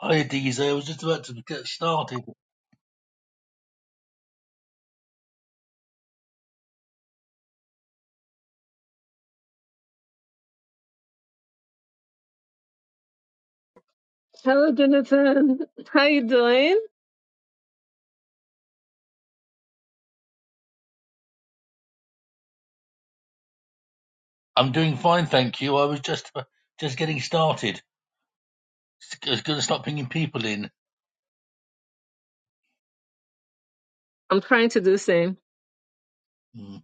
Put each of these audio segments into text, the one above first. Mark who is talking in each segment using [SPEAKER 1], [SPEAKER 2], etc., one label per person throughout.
[SPEAKER 1] Hi, Adiza. I was just about to get started.
[SPEAKER 2] Hello, Jonathan. How you doing?
[SPEAKER 1] I'm doing fine, thank you. I was just just getting started. I was going to start bringing people in.
[SPEAKER 2] I'm trying to do the same.
[SPEAKER 1] Mm.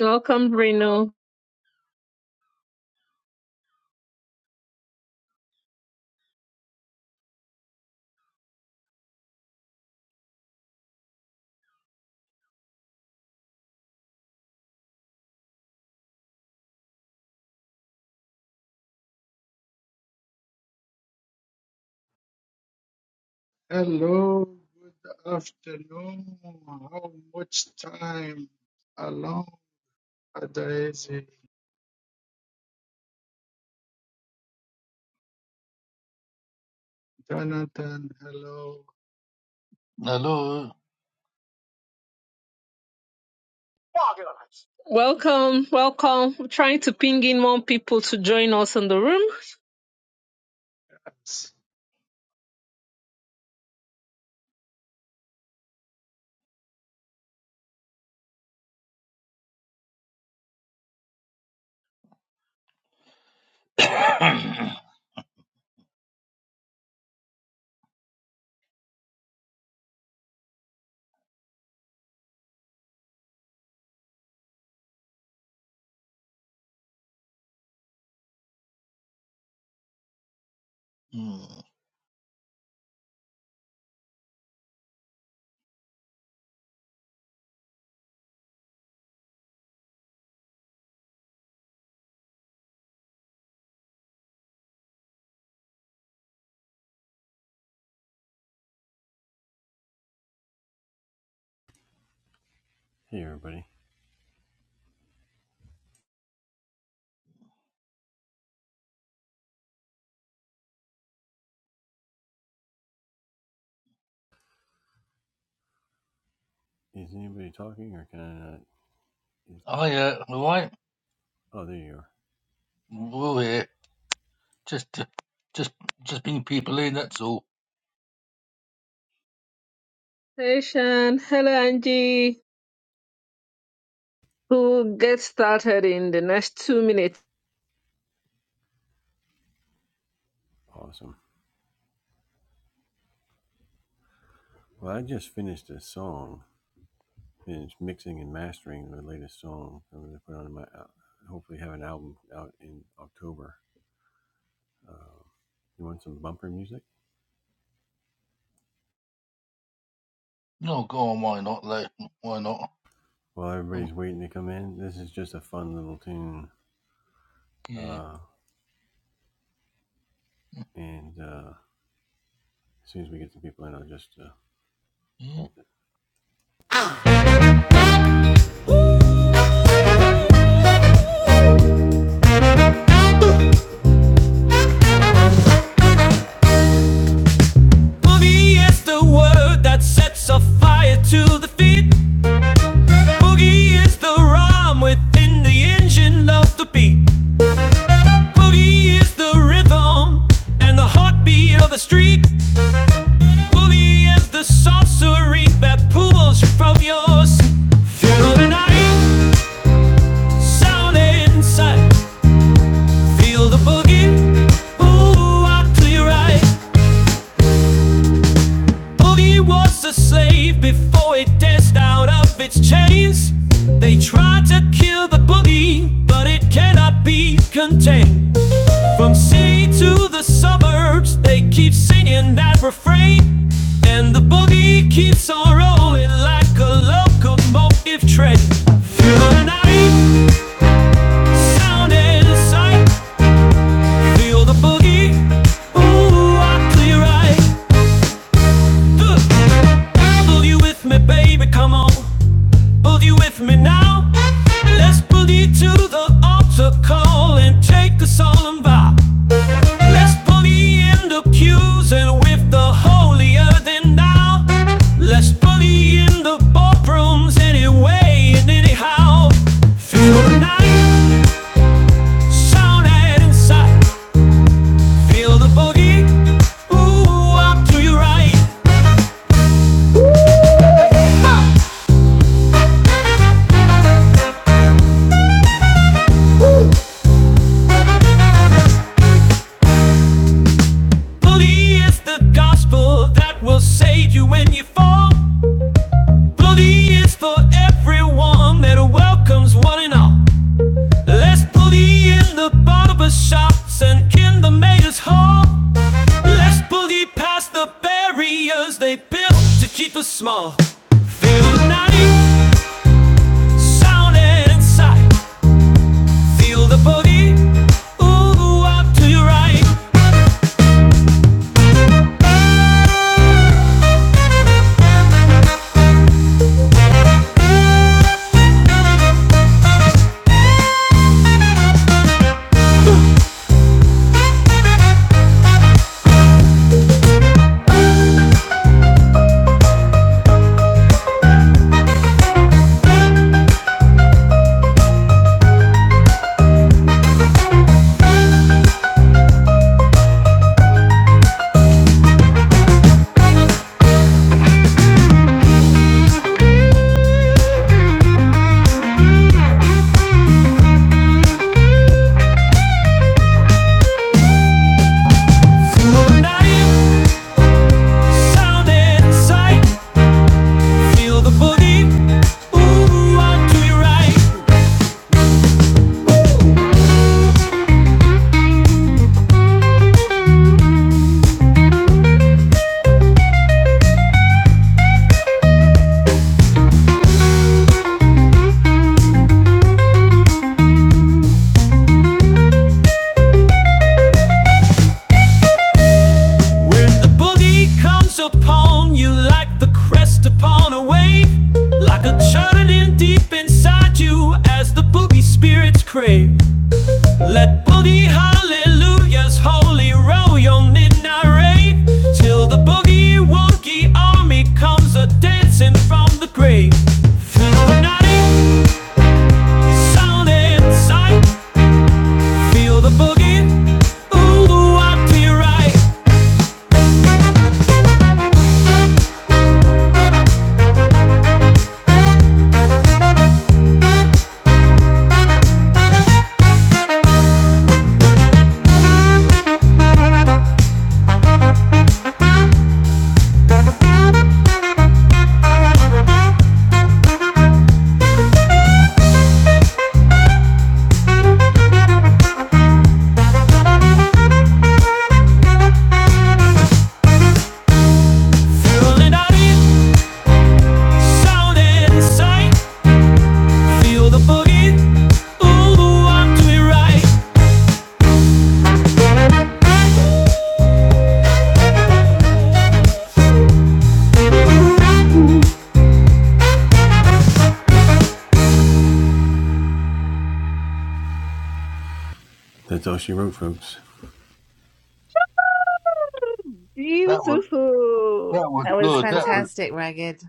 [SPEAKER 2] Welcome, Reno.
[SPEAKER 3] Hello, good afternoon. How much time? Hello, Adaeze. Jonathan, hello.
[SPEAKER 1] Hello.
[SPEAKER 2] Welcome, welcome. We're trying to ping in more people to join us in the room.
[SPEAKER 1] mm. Hiya. All right. We're all here. Just uh, just just bringing people in. That's all.
[SPEAKER 2] Hey, Shan. Hello, Angie. We'll get started in the next two minutes.
[SPEAKER 1] No, go on. Why not? Like, why not? Mm, Yeah. yeah.
[SPEAKER 4] Boogie is the word that sets a fire to the feet. Boogie is the rhyme within the engine of the beat. Boogie is the rhythm and the heartbeat of the street. Boogie is the sorcery that pulls you from your seat. Feel the night, sound inside. Feel the boogie, ooh, out to your right. Boogie was a slave before it danced out of its chains. They tried to kill the boogie, but it cannot be contained. From sea to the suburbs, they keep singing that refrain. And the boogie keeps on rolling like a locomotive train. Feel the night, sound and sight. Feel the boogie, ooh, I clear right. Look, Boogie with me, baby, come on. Hold you with me now. Let's pull you to the altar call and take a solemn vow. Let's pull you in the pews and with the holier than thou. Let's pull you in the ballrooms anyway and anyhow. Feel the night, sound and inside. Feel the boogie, ooh, up to your right. Believe it's the gospel that will save you when you fall. Bully is for everyone that welcomes one and all. Let's bully in the barber shops and in the mayor's hall. Let's bully past the barriers they built to keep us small. Feel the naughty sound and sight. Feel the body. Ooh, up to your right. Feel the naughty sound and sight. Feel the body. Ooh, up to your right. When the boogie comes upon you like the crest upon a wave, like a churning deep inside you as the boogie spirits crave. Let boogie hallelujahs holy roll your midnight rave till the boogie wonky army comes a dancing from the grave. Feel the naughty sound inside, feel the boogie. Ooh, I be right, feeling naughty sound and sight. Feel the boogie. Ooh, I'm doing right.
[SPEAKER 1] That was
[SPEAKER 2] Beautiful.
[SPEAKER 1] that was
[SPEAKER 5] That was
[SPEAKER 1] good. That was
[SPEAKER 5] fantastic, Ragged.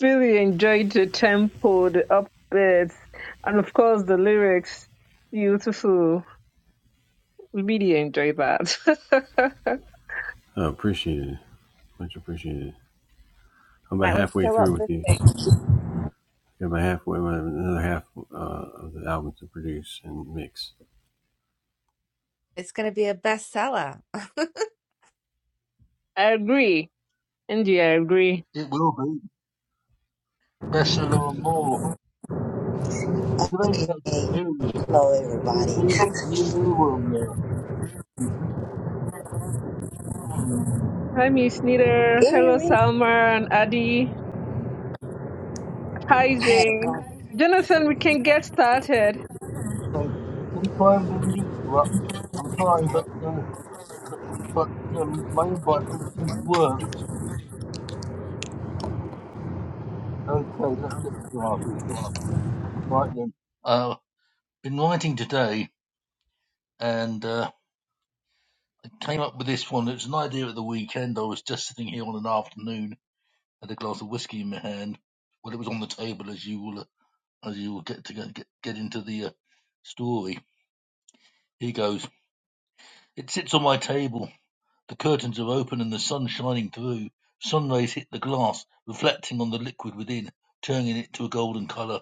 [SPEAKER 2] Really enjoyed the tempo, the upbeats, and of course the lyrics. Beautiful. Really enjoyed that.
[SPEAKER 5] That was so uplifting. It's going to be a bestseller. I
[SPEAKER 2] I agree. Angie, I agree.
[SPEAKER 1] it. Will be bestseller and more. It's a very
[SPEAKER 6] Hey,
[SPEAKER 1] catchy tune.
[SPEAKER 6] hello everybody. Can
[SPEAKER 1] Really, really will.
[SPEAKER 2] Hi, Miss Nita.
[SPEAKER 6] you hear
[SPEAKER 2] Hello,
[SPEAKER 6] me?
[SPEAKER 2] Salma and Adi. Hi,
[SPEAKER 6] I had a
[SPEAKER 2] Jane.
[SPEAKER 6] problem.
[SPEAKER 2] Jonathan, we can get started.
[SPEAKER 1] say, can you try and bring me to up? I'm trying, but uh, but, but um, my invite didn't seem to work. Okay, let's get started. Right then. Uh, been writing today, and uh, I came up with this one. It's an idea at the weekend. I was just sitting here on an afternoon, had a glass of whiskey in my hand. Well, it was on the table, as you will uh, as you will get to get get, get into the uh, story. Here goes. It sits on my table The curtains are open and the sun shining through. Sunrays hit the glass, reflecting on the liquid within, turning it to a golden color,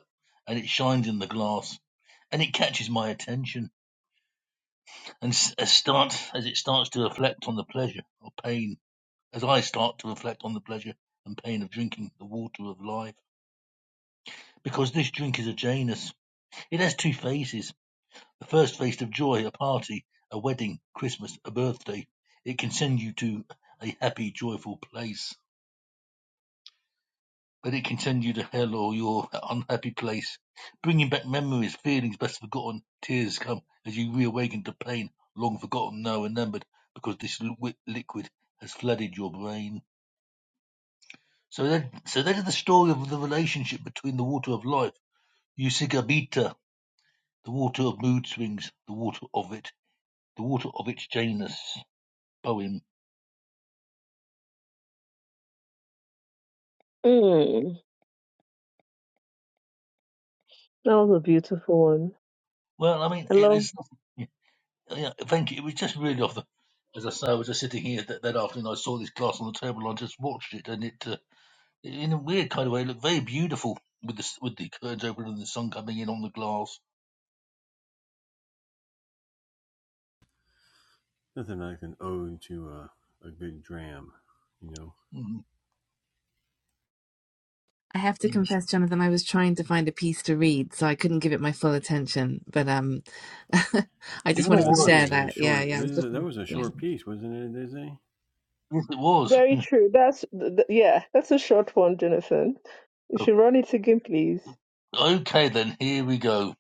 [SPEAKER 1] and it shines in the glass. And it catches my attention, and s- as start as it starts to reflect on the pleasure or pain, as I start to reflect on the pleasure and pain of drinking the water of life. Because this drink is a Janus. It has two phases. The first phase of joy, a party, a wedding, Christmas, a birthday. It can send you to a happy, joyful place But it can send you to hell or your unhappy place, bringing back memories, feelings best forgotten. Tears come as you reawaken to pain long forgotten, now remembered, because this li- liquid has flooded your brain. So that, so that is the story of the relationship between the water of life, Usigabita, the water of mood swings, the water of it, the water of its Janus poem.
[SPEAKER 2] Mm, that was a beautiful one.
[SPEAKER 1] Well, I mean,
[SPEAKER 2] I
[SPEAKER 1] it
[SPEAKER 2] love.
[SPEAKER 1] is. yeah, thank you. It was just really off the. As I say, I was just sitting here that, that afternoon. I saw this glass on the table. and I just watched it, and it, uh, in a weird kind of way, looked very beautiful with the s- with the curtains open and the sun coming in on the glass. Mm,
[SPEAKER 5] have to
[SPEAKER 1] yeah.
[SPEAKER 5] confess, Jonathan, I was trying to find a piece to read, so I couldn't give it my full attention. But um, I
[SPEAKER 1] Do
[SPEAKER 5] just
[SPEAKER 1] not
[SPEAKER 5] wanted to
[SPEAKER 1] worry.
[SPEAKER 5] share that. Yeah, yeah. I was looking. Yeah.
[SPEAKER 1] Yes, it was.
[SPEAKER 2] Very true. That's th- th- yeah. That's a short one, Jonathan. You
[SPEAKER 1] So,
[SPEAKER 2] should run it again, please.
[SPEAKER 1] Okay, then here we go.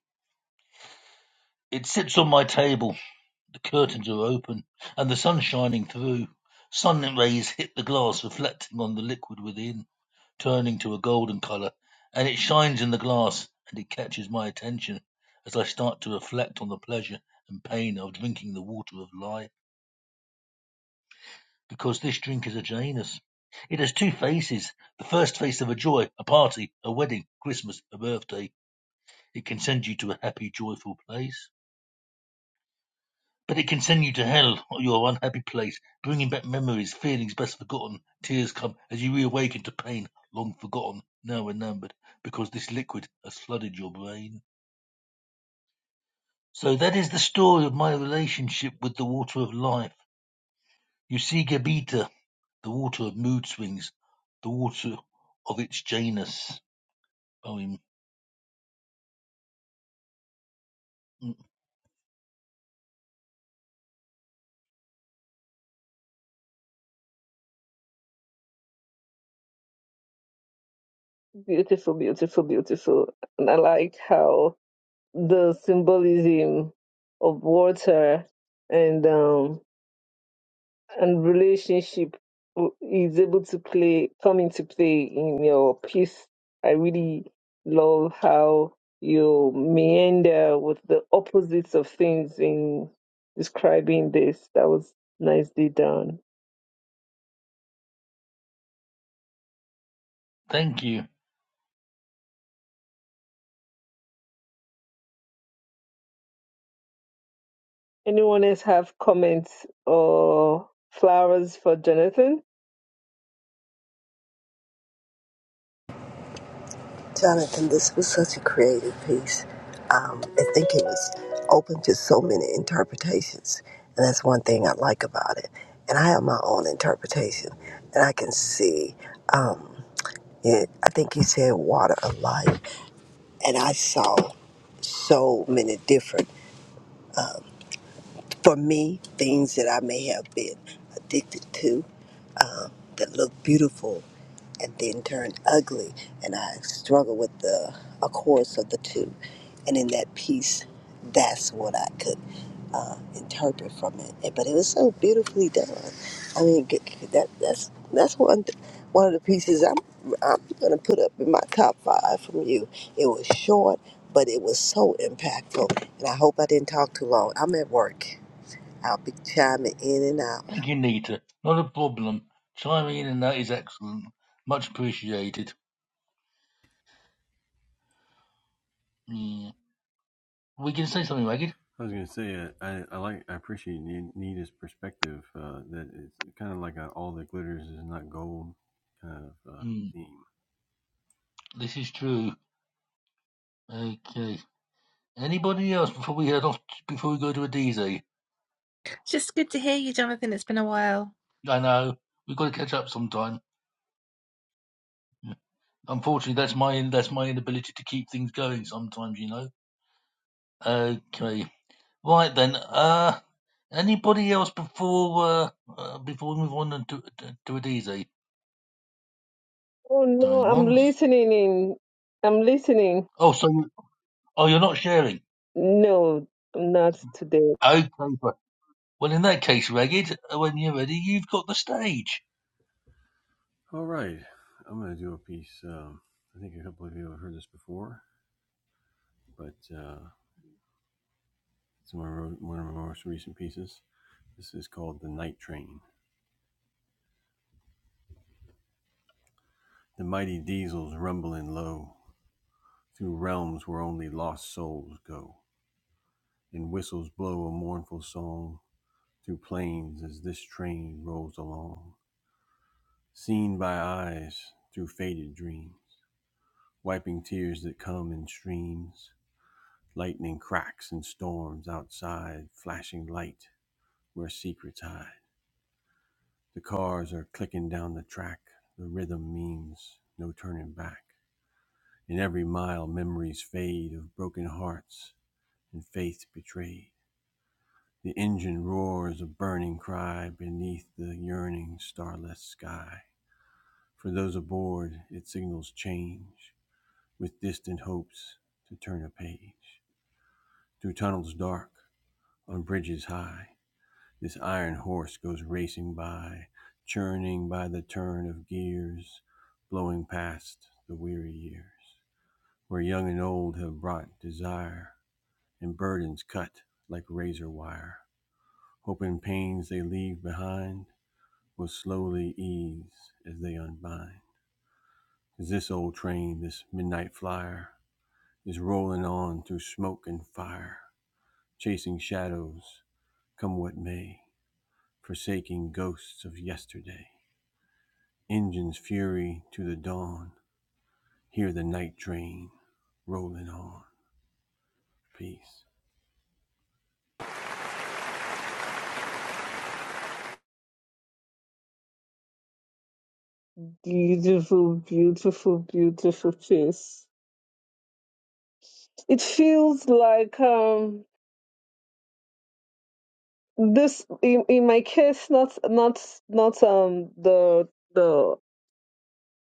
[SPEAKER 1] It sits on my table. The curtains are open, and the sun shining through. Sun rays hit the glass, reflecting on the liquid within. turning to a golden color, and it shines in the glass, and it catches my attention as I start to reflect on the pleasure and pain of drinking the water of life. Because this drink is a Janus. It has two faces the first face of a joy, a party, a wedding, Christmas, a birthday. It can send you to a happy, joyful place. But it can send you to hell or your unhappy place, bringing back memories, feelings best forgotten. Tears come as you reawaken to pain long forgotten, now remembered, because this liquid has flooded your brain. So that is the story of my relationship with the water of life. You see, Gabita, the water of mood swings, the water of its Janus poem. Mm,
[SPEAKER 2] Beautiful, beautiful, beautiful. And I like how the symbolism of water and um and relationship w- is able to play come into play in your piece. I really love how you meander with the opposites of things in describing this. That was nicely done.
[SPEAKER 1] Thank you.
[SPEAKER 2] Anyone else have comments or flowers for Jonathan?
[SPEAKER 6] Jonathan, this was such a creative piece. Um, I think it was open to so many interpretations, and that's one thing I like about it. And I have my own interpretation, and I can see. Um, it, I think he said water of life, and I saw so many different, for me, things that I may have been addicted to that look beautiful and then turn ugly. And I struggle with the a chorus of the two. And in that piece, that's what I could uh, interpret from it. And- But it was so beautifully done. I mean, g- g- that that's that's one th- one of the pieces I'm I'm gonna put up in my top five from you. It was short, but it was so impactful. And I hope I didn't talk too long. I'm at work. I'll be chiming in and out.
[SPEAKER 1] Thank you, Nita. Not a problem. Chiming in and that is excellent. Much appreciated. Mm. We can say something, Ragged. Mm. This is true. Okay. Anybody else before we head off, before we go to Adize?
[SPEAKER 5] Just good to hear you, Jonathan. It's been a while.
[SPEAKER 1] I know. We've got to catch up sometime. Unfortunately, that's my that's my inability to keep things going sometimes, you know. Okay, right then. Uh, anybody else before uh, uh before we move on and to to, to Adize
[SPEAKER 2] Oh no,
[SPEAKER 1] doing
[SPEAKER 2] I'm
[SPEAKER 1] ones?
[SPEAKER 2] listening in. I'm listening.
[SPEAKER 1] Oh, so you, oh, you're not sharing.
[SPEAKER 2] No, not today.
[SPEAKER 1] Okay, but- well in that case, Ragged, uh, when you're ready, you've got the stage.
[SPEAKER 2] Beautiful, beautiful, beautiful face. It feels like um this in, in my case not not not um the the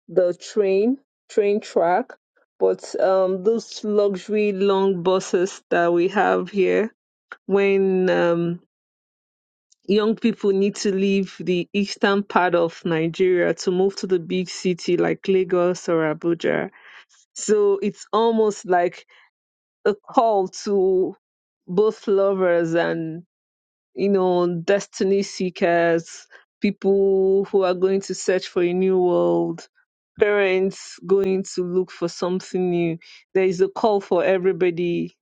[SPEAKER 2] the train train track but um those luxury long buses that we have here when um young people need to leave the eastern part of Nigeria to move to the big city like Lagos or Abuja. So it's almost like a call to both lovers and, you know, destiny seekers, people who are going to search for a new world, parents going to look for something new. There is a call for everybody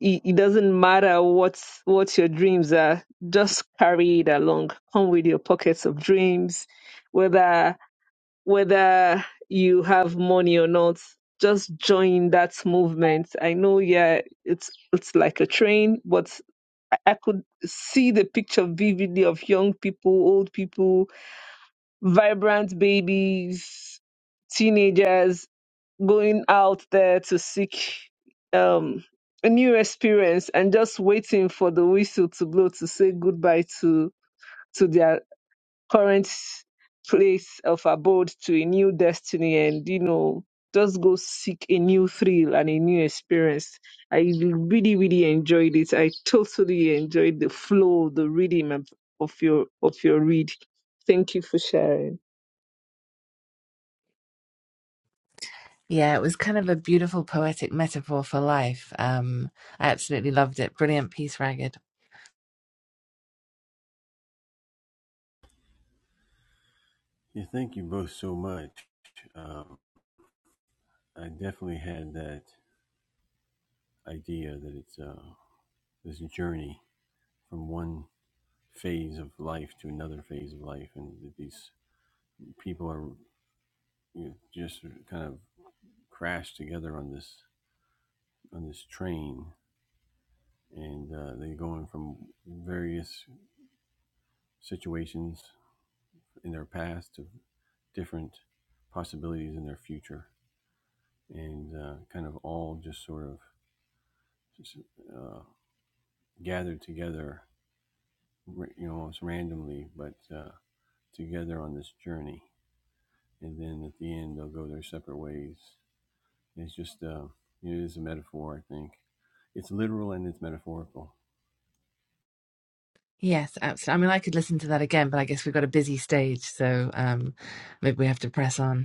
[SPEAKER 2] it, it doesn't matter what what your dreams are. Just carry it along. Come with your pockets of dreams, whether whether you have money or not. Just join that movement. I know, yeah, it's it's like a train, but I I could see the picture vividly of young people, old people, vibrant babies, teenagers going out there to seek um, a new experience and just waiting for the whistle to blow to say goodbye to to their current place of abode to a new destiny and you know just go seek a new thrill and a new experience. I really really enjoyed it. I totally enjoyed the flow, the rhythm of of your of your read. Thank you for sharing.
[SPEAKER 5] Yeah, it was kind of a beautiful poetic metaphor for life. Um, I absolutely loved it. Brilliant piece, Ragged. Yes, absolutely. I mean, I could listen to that again, but I guess we've got a busy stage, so um, maybe we have to press on.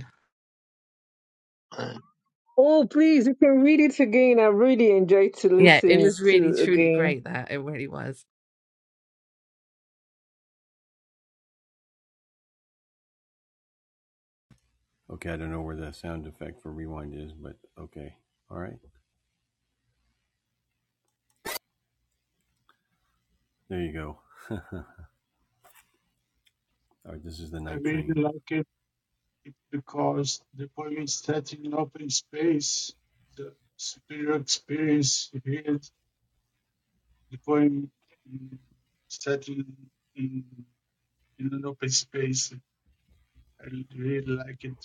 [SPEAKER 1] Uh,
[SPEAKER 2] Oh, please, you can read it again. I really enjoyed to
[SPEAKER 5] Yeah, it
[SPEAKER 2] listen
[SPEAKER 5] was really
[SPEAKER 2] to
[SPEAKER 5] truly
[SPEAKER 2] again.
[SPEAKER 5] great that it really was.
[SPEAKER 3] I really like it because the poem is set in open space. The superior experience here, the poem mm, set in, in, in an open space. I really like it.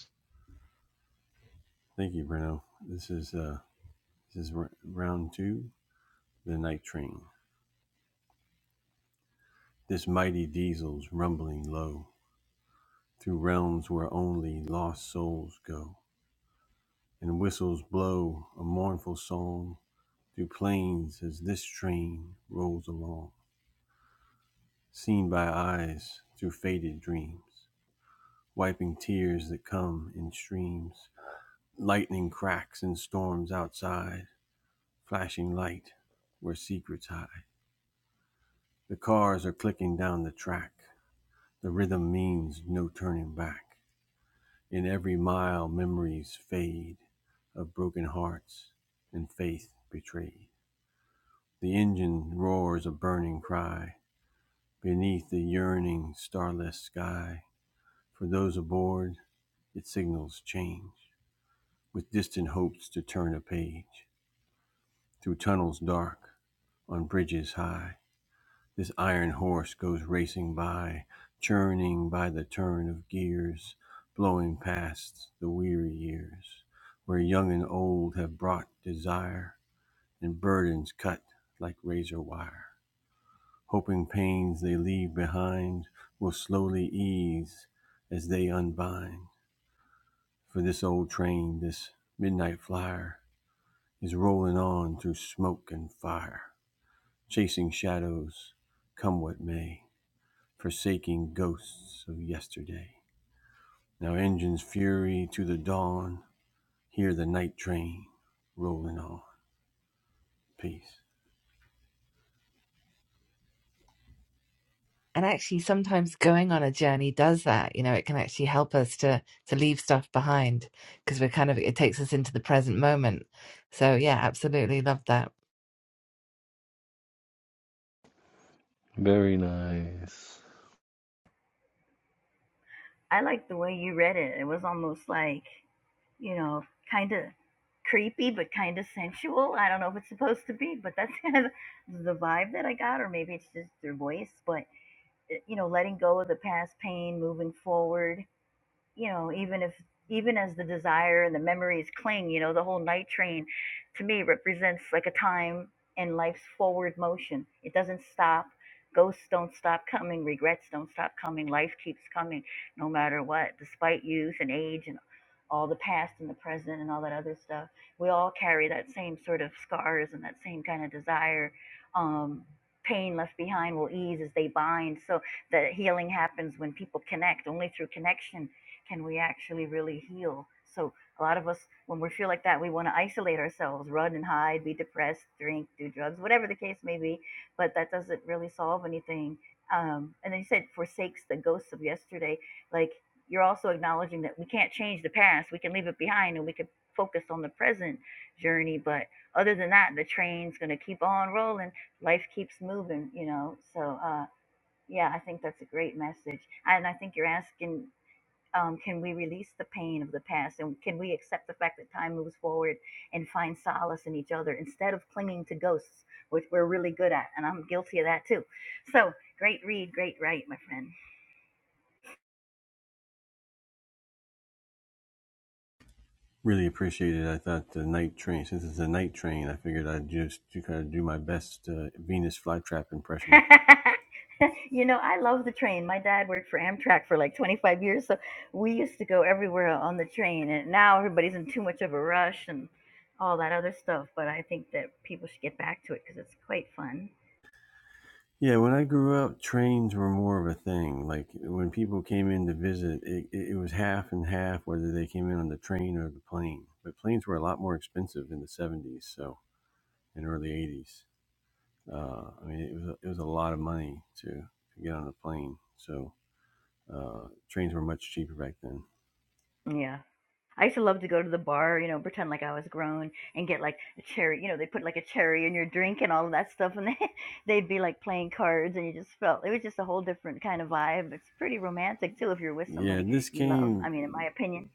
[SPEAKER 5] And actually, sometimes going on a journey does that. You know, it can actually help us to to leave stuff behind because we're kind of it takes us into the present moment. So yeah, absolutely love that.
[SPEAKER 7] Very nice.
[SPEAKER 8] I like the way you read it. It was almost like, you know, kind of creepy, but kind of sensual. I don't know if it's supposed to be, but that's kind of the vibe that I got, or maybe it's just your voice. But, eh, you know, letting go of the past pain, moving forward, you know, even if even as the desire and the memories cling, you know, the whole night train to me represents like a time in life's forward motion. It doesn't stop. Ghosts don't stop coming, regrets don't stop coming, life keeps coming no matter what, despite youth and age and all the past and the present and all that other stuff. We all carry that same sort of scars and that same kind of desire. Um, pain left behind will ease as they bind. So the healing happens when people connect, only through connection can we actually really heal? So a lot of us, when we feel like that, we want to isolate ourselves, run and hide, be depressed, drink, do drugs, whatever the case may be. But that doesn't really solve anything. Um, and then you said forsakes the ghosts of yesterday. Like you're also acknowledging that we can't change the past. We can leave it behind and we can focus on the present journey. But other than that, the train's going to keep on rolling. Life keeps moving, you know? So, uh, yeah, I think that's a great message. And I think you're asking um, can we release the pain of the past and can we accept the fact that time moves forward and find solace in each other instead of clinging to ghosts which we're really good at and i'm guilty of that too so great read great write my friend you know i love the train my dad worked for amtrak for like 25 years so we used to go everywhere on the train and now everybody's in too much of a rush and all that other stuff but i think that people should get back to it because it's quite fun Yeah. I used to love to go to the bar, you know, pretend like I was grown and get like a cherry. You know, they put like a cherry in your drink and all of that stuff, and they, they'd be like playing cards, and you just felt it was just a whole different kind of vibe. It's pretty romantic too if you're with somebody you love. I mean, in my opinion.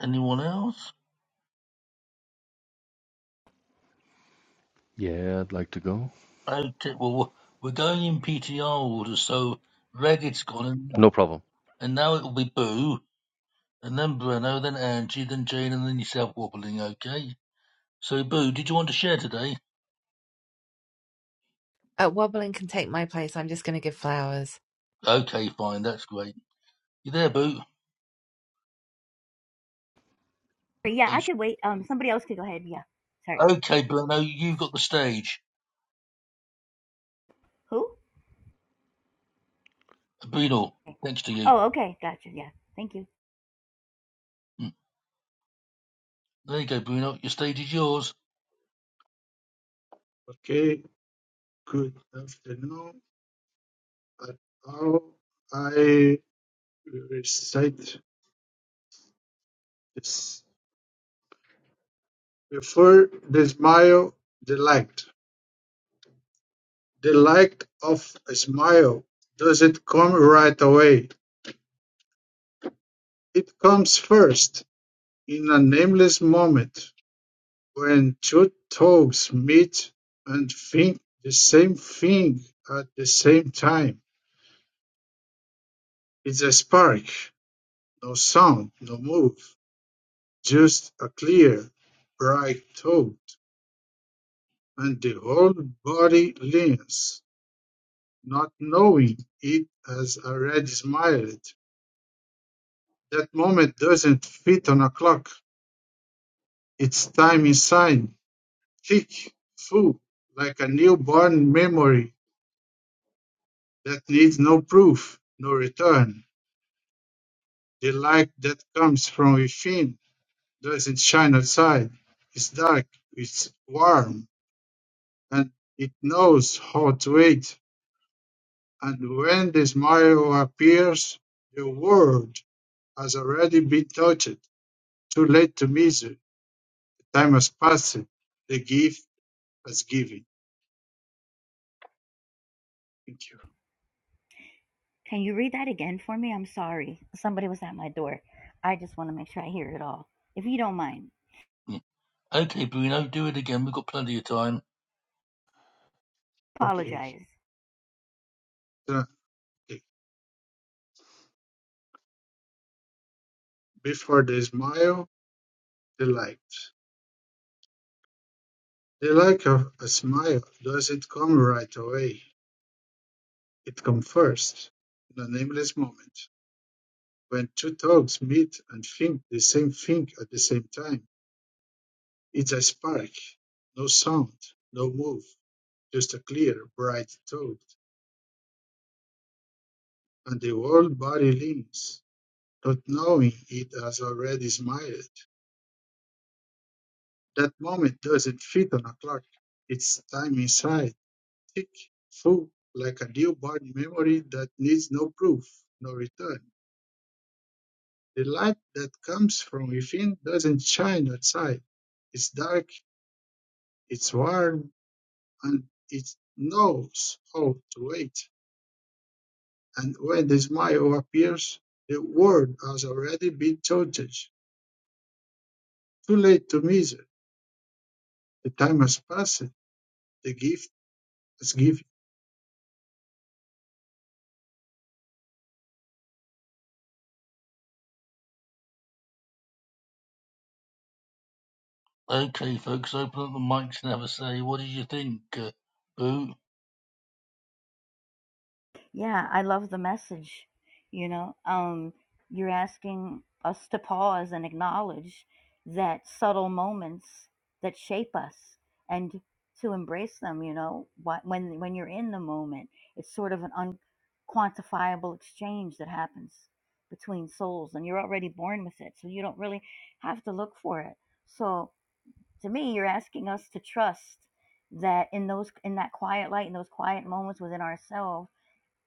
[SPEAKER 1] anyone else?
[SPEAKER 7] Yeah, I'd like to go.
[SPEAKER 1] Okay, well we're we're going in PTR order, so Ragged's gone, and,
[SPEAKER 7] No problem.
[SPEAKER 1] and now it will be Boo. And then Breno, then Angie, then Jane, and then yourself wobbling, okay? So, Boo, did you want to share today?
[SPEAKER 5] Uh, wobbling can take my place. I'm just going to give flowers.
[SPEAKER 1] Okay, fine, that's great. You there, Boo?
[SPEAKER 8] But yeah, I could wait. Um, somebody else could go ahead. Yeah, sorry.
[SPEAKER 1] Okay, Bruno, you've got the stage.
[SPEAKER 8] Who?
[SPEAKER 1] Bruno,
[SPEAKER 8] Okay.
[SPEAKER 1] thanks to you.
[SPEAKER 8] Oh, okay, gotcha. Yeah, thank you.
[SPEAKER 1] Mm. There you go, Bruno, your stage is yours.
[SPEAKER 3] Okay, good afternoon. But How I recite this. Prefer the smile, the light. The light of a smile does it come right away. It comes first, in a nameless moment, when two toes meet and think the same thing at the same time. It's a spark, no sound, no move, just a clear, bright thought, and the whole body leans. not knowing it has already smiled. That moment doesn't fit on a clock. It's time inside, thick, full, like a newborn memory that needs no proof, no return. The light that comes from within doesn't shine outside. It's dark, it's warm, and it knows how to wait. And when the smile appears, the world has already been touched, too late to measure Time has passed. The gift has given. Thank you.
[SPEAKER 8] Can you read that again for me? I'm sorry. Somebody was at my door. I just want to make sure I hear it all. If you don't mind,
[SPEAKER 1] Mm. Okay, Bruno, do it again, we've got plenty of time.
[SPEAKER 3] Okay.
[SPEAKER 8] apologize.
[SPEAKER 3] So, okay. Before the smile, the light. The light of a smile doesn't come right away. It comes first, in a nameless moment. When two dogs meet and think the same thing at the same time, it's a spark. No sound, no move, just a clear, bright thought. And the whole body limps, not knowing it has already smiled. That moment doesn't fit on a clock. It's time inside, tick, full, like a newborn memory that needs no proof, no return. The light that comes from within doesn't shine outside. It's dark, it's warm, and it knows how to wait. And when the smile appears, the world has already been chosen. Too late to measure. The time has passed. The gift has given.
[SPEAKER 1] Okay, folks, open up the mics and have a say. What did you think, uh, Boo?
[SPEAKER 8] Yeah, I love the message. You know, um, you're asking us to pause and acknowledge that subtle moments that shape us and to embrace them, you know, wh- when when you're in the moment, it's sort of an unquantifiable exchange that happens between souls and you're already born with it, so you don't really have to look for it. So, to me, you're asking us to trust that in those in that quiet light, in those quiet moments within ourselves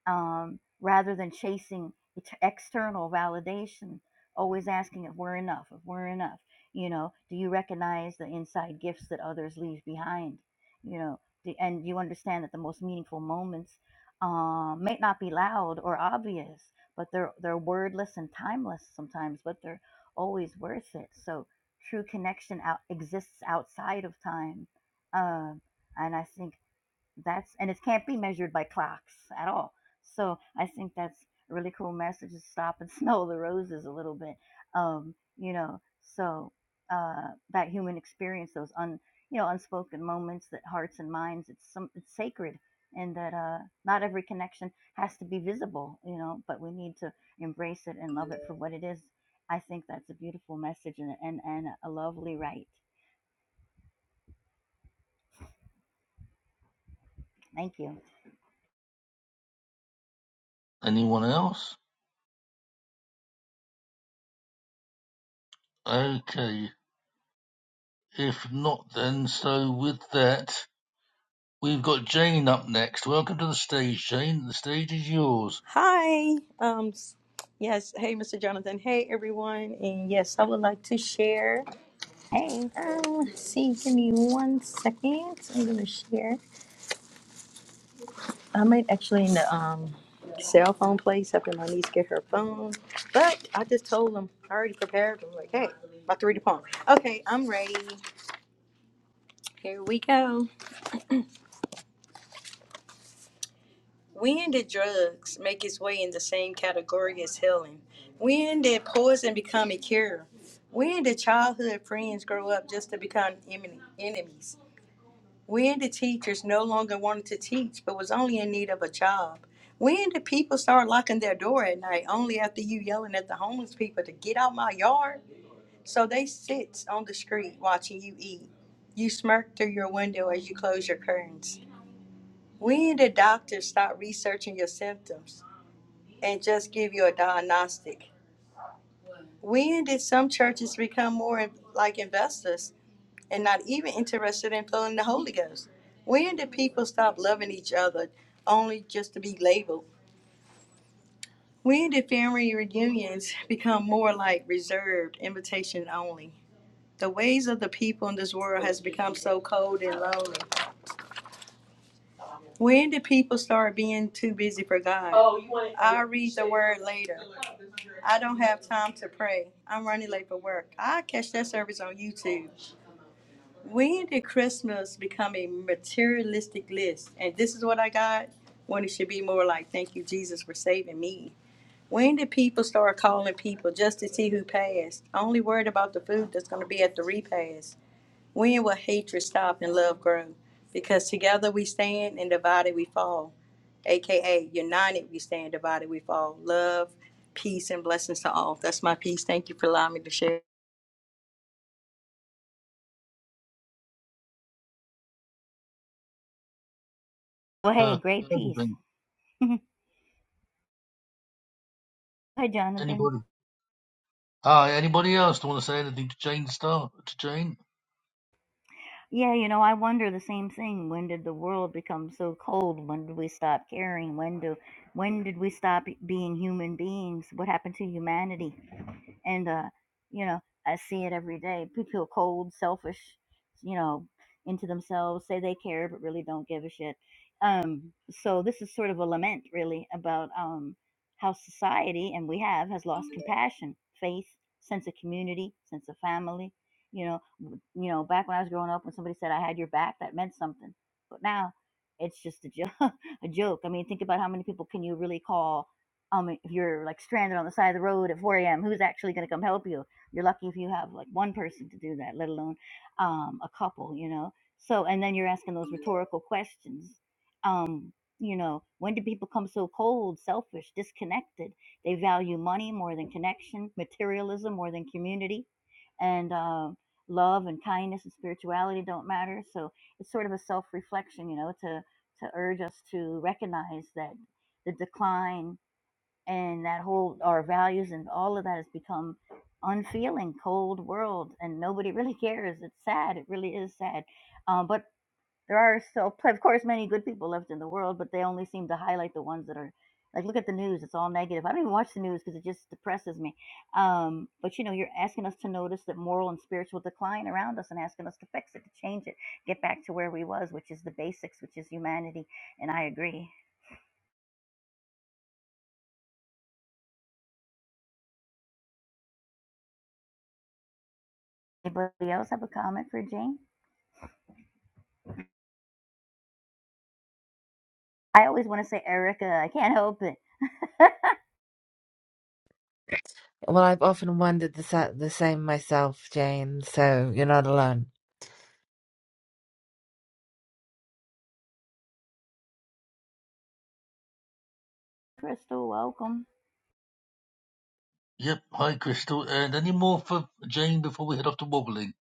[SPEAKER 8] um, rather than chasing external validation, always asking if we're enough, if we're enough. You know, do you recognize the inside gifts that others leave behind? You know, do, and you understand that the most meaningful moments uh, may not be loud or obvious, but they're they're wordless and timeless sometimes, but they're always worth it. So true connection out exists outside of time, Um and I think that's and it can't be measured by clocks at all so i think that's a really cool message to stop and smell the roses a little bit um you know so uh that human experience those un you know unspoken moments that hearts and minds it's some it's sacred and that uh not every connection has to be visible you know but we need to embrace it and love it for what it is i think that's a beautiful message and and, and a lovely write. thank you
[SPEAKER 1] Anyone else? Okay, if not, then so with that. We've got Jane up next. Welcome to the stage, Jane. The stage is yours.
[SPEAKER 9] Hi. Um, yes. Hey, Mr. Jonathan. Hey, everyone. And yes, I would like to share.
[SPEAKER 8] hey
[SPEAKER 9] Um, let's see, give me one second. I'm gonna share. I might actually in the um cell phone place after my niece get her phone. But I just told them I already prepared. I'm like, hey, about to read the poem. Okay, I'm ready. Here we go. When did drugs make its way in the same category as healing? When did poison become a cure? When did childhood friends grow up just to become emin- enemies? When did teachers no longer wanted to teach but was only in need of a job? When did people start locking their door at night only after you yelling at the homeless people to get out my yard? So they sits on the street watching you eat. You smirk through your window as you close your curtains. When did doctors stop researching your symptoms? and just give you a diagnostic. When did some churches become more like investors and not even interested in flowing the Holy Ghost? When did people stop loving each other only just to be labeled? When did family reunions become more like reserved, invitation only? The ways of the people in this world has become so cold and lonely. When did people start being too busy for God? Oh, you want I'll read the word later. I don't have time to pray. I'm running late for work. I catch that service on YouTube. When did Christmas become a materialistic list? And this is what I got. When it should be more like, "Thank you, Jesus, for saving me." When did people start calling people just to see who passed? Only worried about the food that's going to be at the repast. When will hatred stop and love grow? Because together we stand and divided we fall. AKA, united we stand, divided we fall. Love, peace, and blessings to all. That's my peace. Thank you for allowing me to share.
[SPEAKER 8] well hey
[SPEAKER 1] Uh,
[SPEAKER 8] great piece
[SPEAKER 1] everything.
[SPEAKER 8] hi jonathan
[SPEAKER 1] Anybody? Hi. Anybody else want to say anything to Jane? Star to Jane.
[SPEAKER 8] Yeah, you know, I wonder the same thing. When did the world become so cold? When did we stop caring? When do when did we stop being human beings? What happened to humanity? And uh, you know, I see it every day. People feel cold, selfish, you know, into themselves, say they care but really don't give a shit. Um, so this is sort of a lament really about um how society and we have has lost compassion, faith, sense of community, sense of family, you know, you know, back when I was growing up, when somebody said I had your back, that meant something. But now, it's just a joke a joke. I mean, think about how many people can you really call um if you're like stranded on the side of the road at 4 a.m. Who's actually going to come help you? You're lucky if you have like one person to do that, let alone um a couple, you know. So and then you're asking those rhetorical questions. Um you know, when do people become so cold, selfish, disconnected? They value money more than connection, materialism more than community, and uh, love and kindness and spirituality don't matter. So it's sort of a self reflection, you know, to to urge us to recognize that the decline and that whole our values and all of that has become unfeeling, cold world, and nobody really cares. It's sad. It really is sad. Uh, but there are still, of course, many good people left in the world, but they only seem to highlight the ones that are like, look at the news; it's all negative. I don't even watch the news because it just depresses me. Um, but you know, you're asking us to notice that moral and spiritual decline around us, and asking us to fix it, to change it, get back to where we was, which is the basics, which is humanity. And I agree. Anybody else have a comment for Jane? I always want to say Erica. I can't help it.
[SPEAKER 5] Well, I've often wondered the sa- the same myself, Jane. So you're not alone.
[SPEAKER 8] Crystal, welcome.
[SPEAKER 1] Yep. Hi, Crystal. And any more for Jane before we head off to wobbling?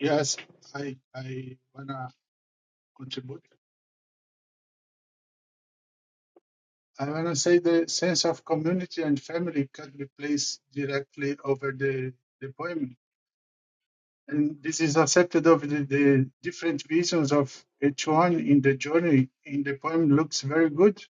[SPEAKER 3] Yes, I I wanna contribute. I want to say the sense of community and family can be placed directly over the, the poem. And this is accepted over the, the different visions of each one in the journey in the poem looks very good.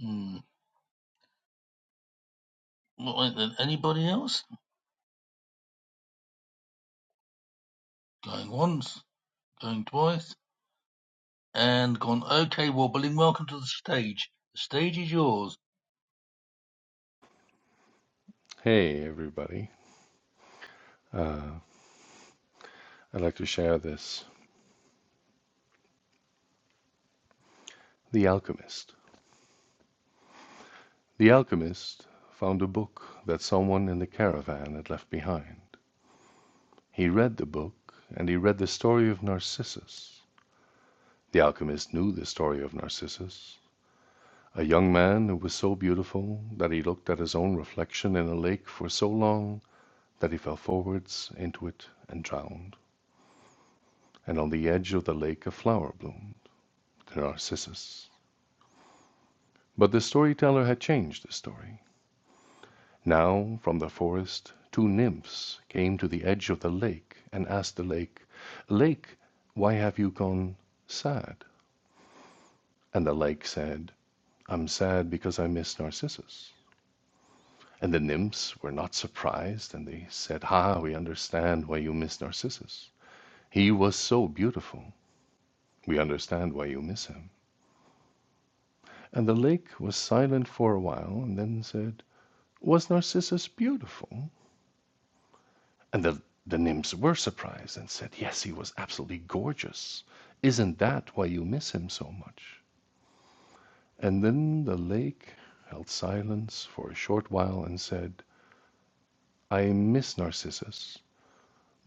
[SPEAKER 1] Hmm. Right then. Anybody else? Going once. Going twice. And gone. Okay, wobbling. Welcome to the stage. The stage is yours.
[SPEAKER 7] Hey, everybody. Uh, I'd like to share this. The Alchemist. The Alchemist found a book that someone in the caravan had left behind. He read the book, and he read the story of Narcissus. The Alchemist knew the story of Narcissus, a young man who was so beautiful that he looked at his own reflection in a lake for so long that he fell forwards into it and drowned, and on the edge of the lake a flower bloomed. to Narcissus. But the storyteller had changed the story. Now from the forest two nymphs came to the edge of the lake and asked the lake, "Lake, why have you gone sad?" And the lake said, "I'm sad because I miss Narcissus." And the nymphs were not surprised and they said, "Ah, we understand why you miss Narcissus. He was so beautiful. We understand why you miss him." And the lake was silent for a while and then said, "Was Narcissus beautiful? And the, the nymphs were surprised and said, Yes, he was absolutely gorgeous. Isn't that why you miss him so much? And then the lake held silence for a short while and said, I miss Narcissus,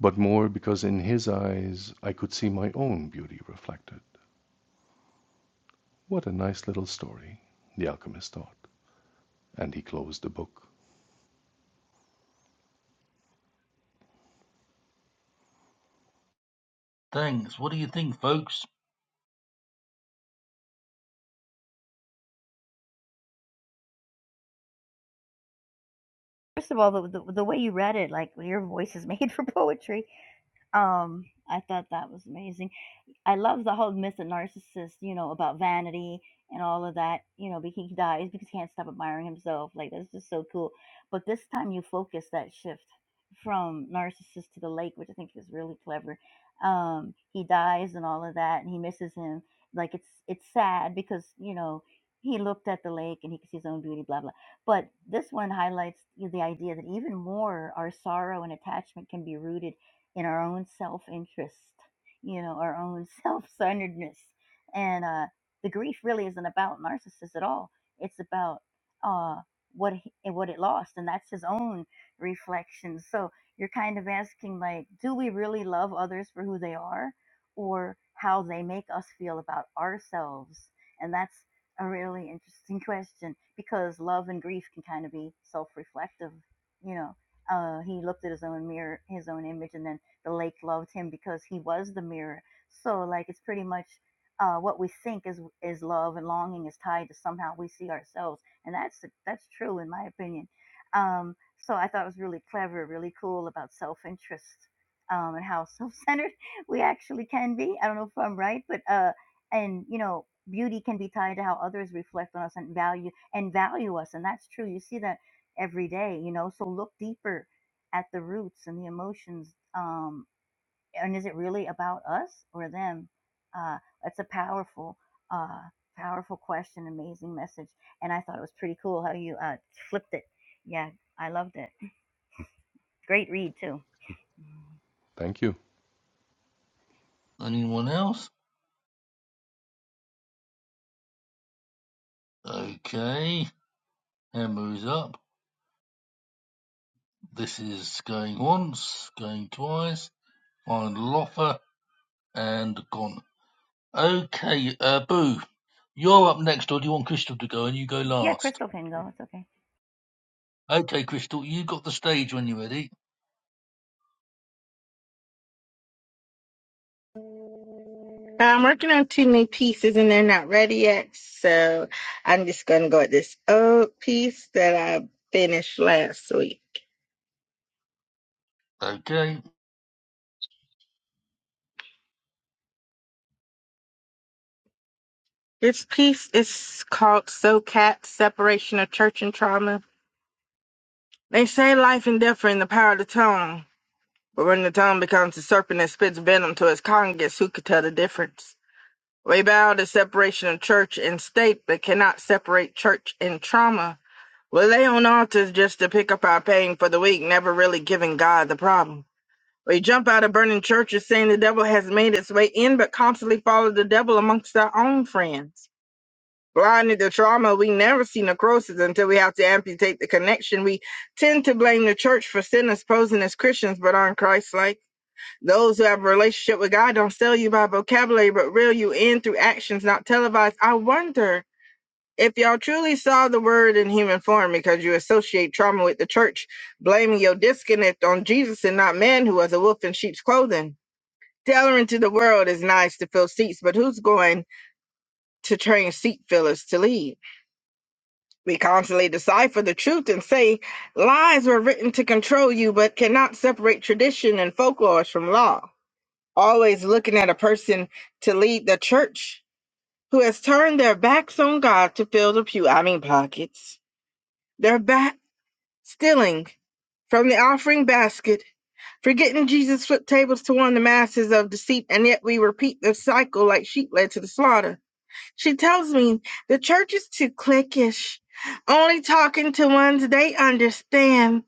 [SPEAKER 7] but more because in his eyes I could see my own beauty reflected. What a nice little story, the alchemist thought, and he closed the book.
[SPEAKER 1] Thanks. What do you think, folks?
[SPEAKER 8] First of all, the, the the way you read it, like your voice is made for poetry. Um, I thought that was amazing. I love the whole myth of narcissist, you know, about vanity and all of that, you know, because he dies because he can't stop admiring himself. Like that's just so cool. But this time you focus that shift from narcissist to the lake, which I think is really clever. Um, he dies and all of that, and he misses him. Like it's it's sad because you know he looked at the lake and he could see his own beauty, blah blah. But this one highlights the idea that even more our sorrow and attachment can be rooted in our own self interest you know, our own self centeredness. And uh, the grief really isn't about narcissists at all. It's about uh, what he, and what it lost, and that's his own reflection. So you're kind of asking, like, do we really love others for who they are, or how they make us feel about ourselves? And that's a really interesting question because love and grief can kind of be self-reflective. You know, uh, he looked at his own mirror, his own image, and then the lake loved him because he was the mirror. So like it's pretty much uh, what we think is is love and longing is tied to somehow we see ourselves, and that's that's true in my opinion. Um, so I thought it was really clever, really cool about self interest um, and how self centered we actually can be. I don't know if I'm right, but uh, and you know beauty can be tied to how others reflect on us and value and value us, and that's true. You see that every day, you know. So look deeper at the roots and the emotions. Um, and is it really about us or them? Uh, that's a powerful, uh, powerful question, amazing message. And I thought it was pretty cool how you uh, flipped it. Yeah, I loved it. Great read, too.
[SPEAKER 7] Thank you.
[SPEAKER 1] Anyone else? Okay. Hammer is up. This is going once, going twice, on Loffer and gone. Okay, uh, Boo, you're up next, or do you want Crystal to go and you go
[SPEAKER 8] Yeah,
[SPEAKER 1] last?
[SPEAKER 8] Crystal can go. It's okay.
[SPEAKER 1] Okay, Crystal, you got the stage when you're ready.
[SPEAKER 10] Yeah, I'm working on two new pieces and they're not ready yet, so I'm just gonna go with this old piece that I finished last week.
[SPEAKER 1] Okay,
[SPEAKER 10] This piece is called So Cat Separation of Church and Trauma. They say life and death are in the power of the tongue, but when the tongue becomes a serpent that spits venom to its congregants, who could tell the difference? We bow to separation of church and state, but cannot separate church and trauma. We lay on altars just to pick up our pain for the week, never really giving God the problem. We jump out of burning churches saying the devil has made its way in, but constantly follow the devil amongst our own friends. Blinded to trauma, we never see necrosis until we have to amputate the connection. We tend to blame the church for sinners posing as Christians but aren't Christ-like. Those who have a relationship with God don't sell you by vocabulary but reel you in through actions not televised. I wonder if y'all truly saw the word in human form because you associate trauma with the church, blaming your disconnect on Jesus and not man who was a wolf in sheep's clothing. Tailoring to the world is nice to fill seats, but who's going to train seat fillers to lead? We constantly decipher the truth and say lies were written to control you, but cannot separate tradition and folklore from law. Always looking at a person to lead the church who has turned their backs on God to fill the pew, I mean pockets. Their back stealing from the offering basket, forgetting Jesus flipped tables to warn the masses of deceit, and yet we repeat the cycle like sheep led to the slaughter. She tells me the church is too cliquish. Only talking to ones they understand.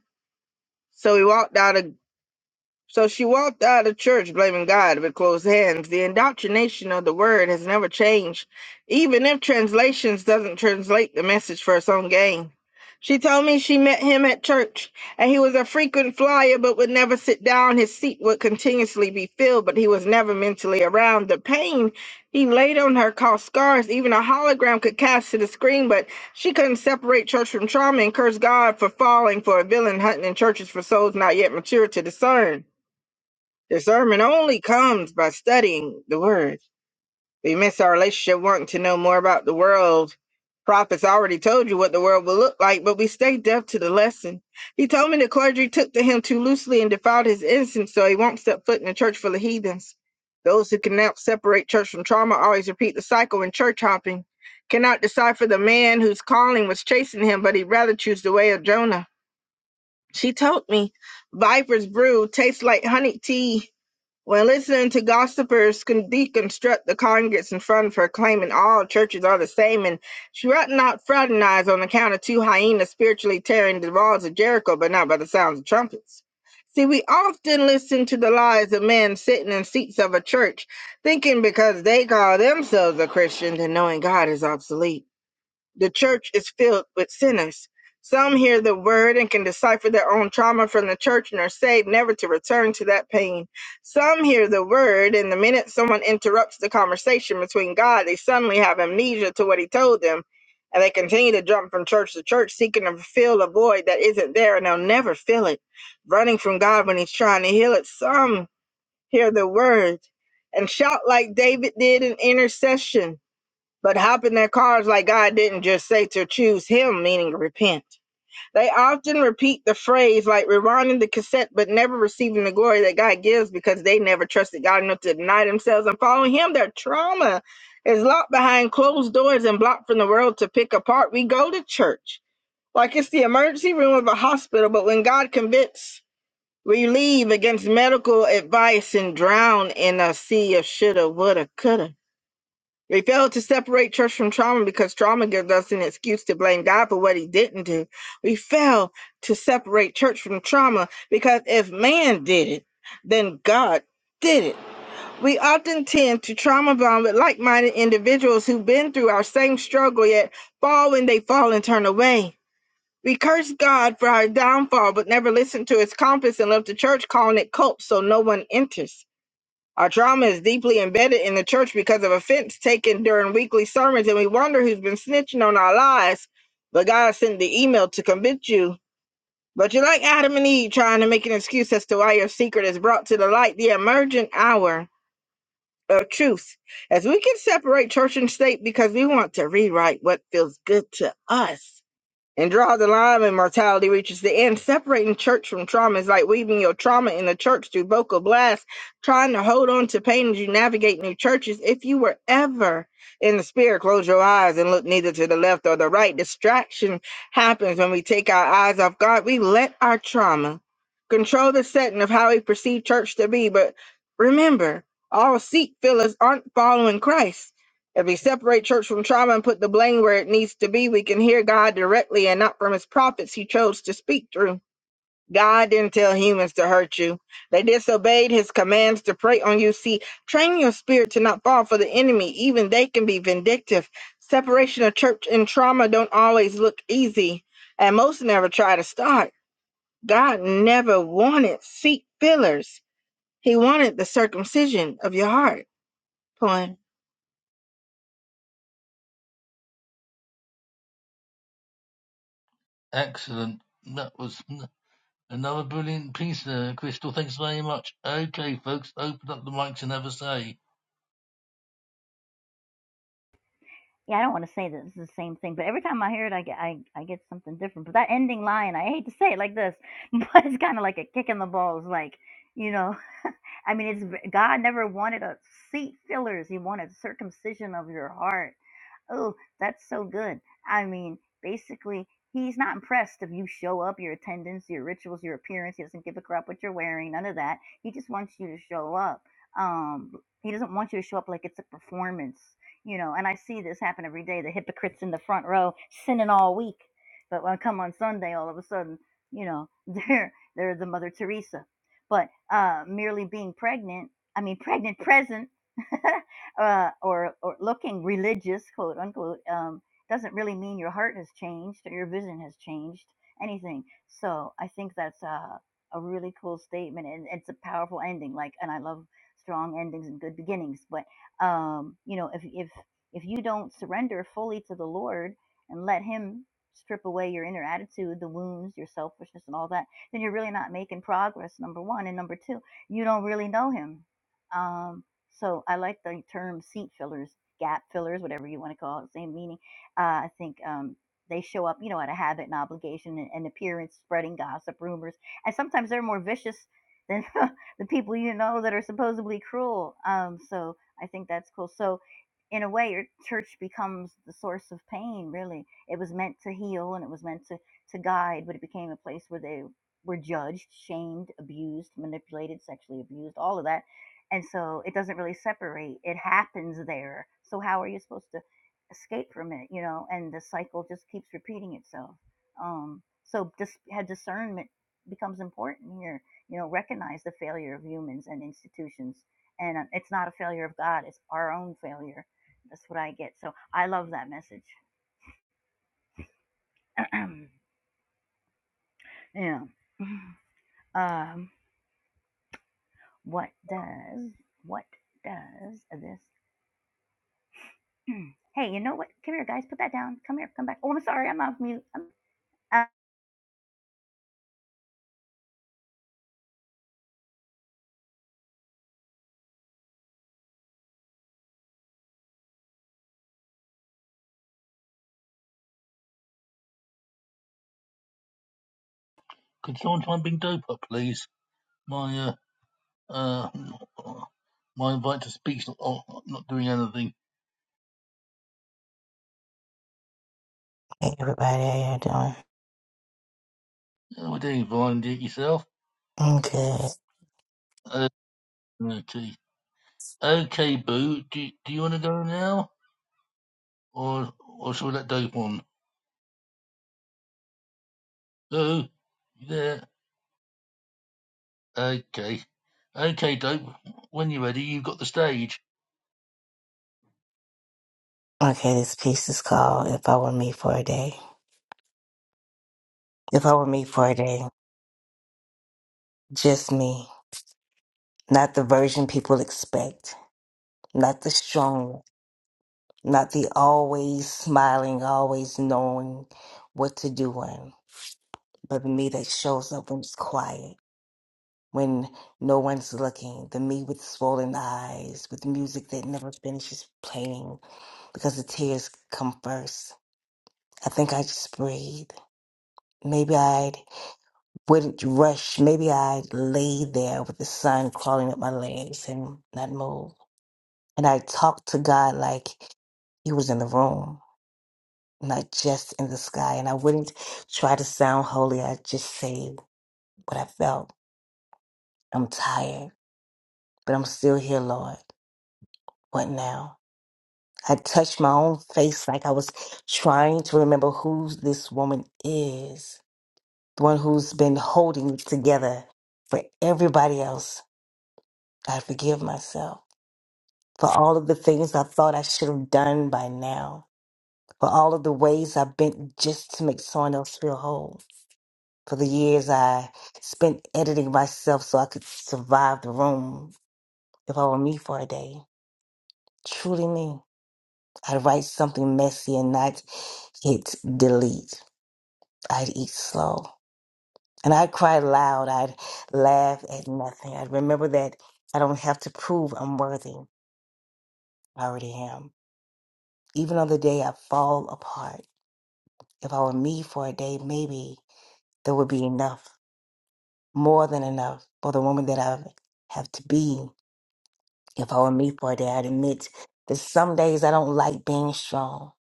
[SPEAKER 10] So we walked out of. So she walked out of church blaming God with closed hands. The indoctrination of the word has never changed, even if translations doesn't translate the message for its own gain. She told me she met him at church and he was a frequent flyer but would never sit down. His seat would continuously be filled, but he was never mentally around. The pain he laid on her caused scars. Even a hologram could cast to the screen, but she couldn't separate church from trauma and curse God for falling for a villain hunting in churches for souls not yet mature to discern. Discernment only comes by studying the word. We miss our relationship wanting to know more about the world. Prophets already told you what the world will look like, but we stay deaf to the lesson. He told me the clergy took to him too loosely and defiled his innocence, so he won't step foot in a church full of heathens. Those who cannot separate church from trauma always repeat the cycle in church hopping. Cannot decipher the man whose calling was chasing him, but he'd rather choose the way of Jonah. She told me, Viper's brew tastes like honey tea when listening to gossipers can deconstruct the congregants in front of her, claiming all churches are the same, and she ought not fraternize on account of two hyenas spiritually tearing the walls of Jericho, but not by the sounds of trumpets. See, we often listen to the lies of men sitting in seats of a church, thinking because they call themselves a Christian, then knowing God is obsolete. The church is filled with sinners. Some hear the word and can decipher their own trauma from the church and are saved never to return to that pain. Some hear the word, and the minute someone interrupts the conversation between God, they suddenly have amnesia to what he told them. And they continue to jump from church to church, seeking to fill a void that isn't there, and they'll never fill it. Running from God when he's trying to heal it. Some hear the word and shout like David did in intercession but hop in their cars like God didn't just say to choose him, meaning repent. They often repeat the phrase like rewinding the cassette, but never receiving the glory that God gives because they never trusted God enough to deny themselves and follow him. Their trauma is locked behind closed doors and blocked from the world to pick apart. We go to church like it's the emergency room of a hospital, but when God convicts, we leave against medical advice and drown in a sea of shoulda, woulda, coulda. They failed to separate church from trauma because trauma gives us an excuse to blame God for what he didn't do. We fail to separate church from trauma because if man did it, then God did it. We often tend to trauma bond with like minded individuals who've been through our same struggle yet fall when they fall and turn away. We curse God for our downfall but never listen to his compass and left the church calling it cult so no one enters. Our trauma is deeply embedded in the church because of offense taken during weekly sermons, and we wonder who's been snitching on our lies. But God sent the email to convict you. But you're like Adam and Eve trying to make an excuse as to why your secret is brought to the light, the emergent hour of truth. As we can separate church and state because we want to rewrite what feels good to us and draw the line when mortality reaches the end. Separating church from trauma is like weaving your trauma in the church through vocal blasts, trying to hold on to pain as you navigate new churches. If you were ever in the spirit, close your eyes and look neither to the left or the right. Distraction happens when we take our eyes off God. We let our trauma control the setting of how we perceive church to be. But remember, all seat fillers aren't following Christ. If we separate church from trauma and put the blame where it needs to be, we can hear God directly and not from his prophets he chose to speak through. God didn't tell humans to hurt you. They disobeyed his commands to prey on you. See, train your spirit to not fall for the enemy. Even they can be vindictive. Separation of church and trauma don't always look easy, and most never try to start. God never wanted seat fillers. He wanted the circumcision of your heart. Point.
[SPEAKER 1] excellent. That was another brilliant piece there, Crystal. Thanks very much. Okay, folks, open up the mics and have a say.
[SPEAKER 8] Yeah, I don't want to say that this is the same thing, but every time I hear it, I get I, I get something different. But that ending line, I hate to say it like this, but it's kind of like a kick in the balls. Like you know, I mean, it's God never wanted a seat fillers. He wanted circumcision of your heart Oh, that's so good. I mean, basically, he's not impressed if you show up, your attendance, your rituals, your appearance. He doesn't give a crap what you're wearing, none of that. He just wants you to show up. Um, he doesn't want you to show up like it's a performance, you know. And I see this happen every day. The hypocrites in the front row sinning all week, but when I come on Sunday, all of a sudden, you know, they're they're the Mother Teresa. But uh, merely being pregnant, I mean, pregnant present. uh, or, or looking religious, quote unquote, um, doesn't really mean your heart has changed or your vision has changed, anything. So I think that's a, a really cool statement and it's a powerful ending. Like, and I love strong endings and good beginnings, but, um, you know, if, if, if you don't surrender fully to the Lord and let Him strip away your inner attitude, the wounds, your selfishness, and all that, then you're really not making progress, number one. And number two, you don't really know Him. Um, so I like the term seat fillers, gap fillers, whatever you want to call it, same meaning. Uh, I think um, they show up, you know, out of habit and obligation and, and appearance, spreading gossip, rumors, and sometimes they're more vicious than the people you know that are supposedly cruel. Um, so I think that's cool. So in a way, your church becomes the source of pain. Really, it was meant to heal and it was meant to to guide, but it became a place where they were judged, shamed, abused, manipulated, sexually abused, all of that and so it doesn't really separate it happens there so how are you supposed to escape from it you know and the cycle just keeps repeating itself um so dis- had discernment becomes important here you know recognize the failure of humans and institutions and uh, it's not a failure of god it's our own failure that's what i get so i love that message yeah um what does what does this Mm. hey, you know what? Come here, guys. Put that down. Come here. Come back. Oh, I'm sorry. I'm off mute. I'm, uh,
[SPEAKER 1] Could someone try and bring Dope up, please? My, uh, uh, my invite to speak's not, oh, not doing anything.
[SPEAKER 11] Hey everybody, how you doing?
[SPEAKER 1] Oh, do you find it yourself?
[SPEAKER 11] I'm good.
[SPEAKER 1] Uh, Okay. Okay, Boo. Do Do you want to go now, or or shall we let Dope on? Boo, you there? Okay. Okay, Dope. When you're ready, you've got the stage.
[SPEAKER 11] Okay, this piece is called If I Were Me for a Day. If I were me for a day, just me, not the version people expect, not the strong, not the always smiling, always knowing what to do one, but the me that shows up when it's quiet, when no one's looking, the me with swollen eyes, with music that never finishes playing because the tears come first. I think I just breathe. Maybe I'd wouldn't rush. Maybe I lay there with the sun crawling up my legs and not move. And I talked to God like He was in the room, not just in the sky. And I wouldn't try to sound holy. I just say what I felt. I'm tired, but I'm still here, Lord. What now? I touched my own face like I was trying to remember who this woman is, the one who's been holding it together for everybody else. I forgive myself. for all of the things I thought I should have done by now, for all of the ways I bent just to make someone else feel whole, for the years I spent editing myself so I could survive the room if I were me for a day. Truly me. I'd write something messy and not hit delete. I'd eat slow. And I'd cry loud. I'd laugh at nothing. I'd remember that I don't have to prove I'm worthy. I already am. Even on the day I fall apart. if I were me for a day, maybe there would be enough, more than enough, for the woman that I have to be. If I were me for a day, I'd admit that some days I don't like being strong.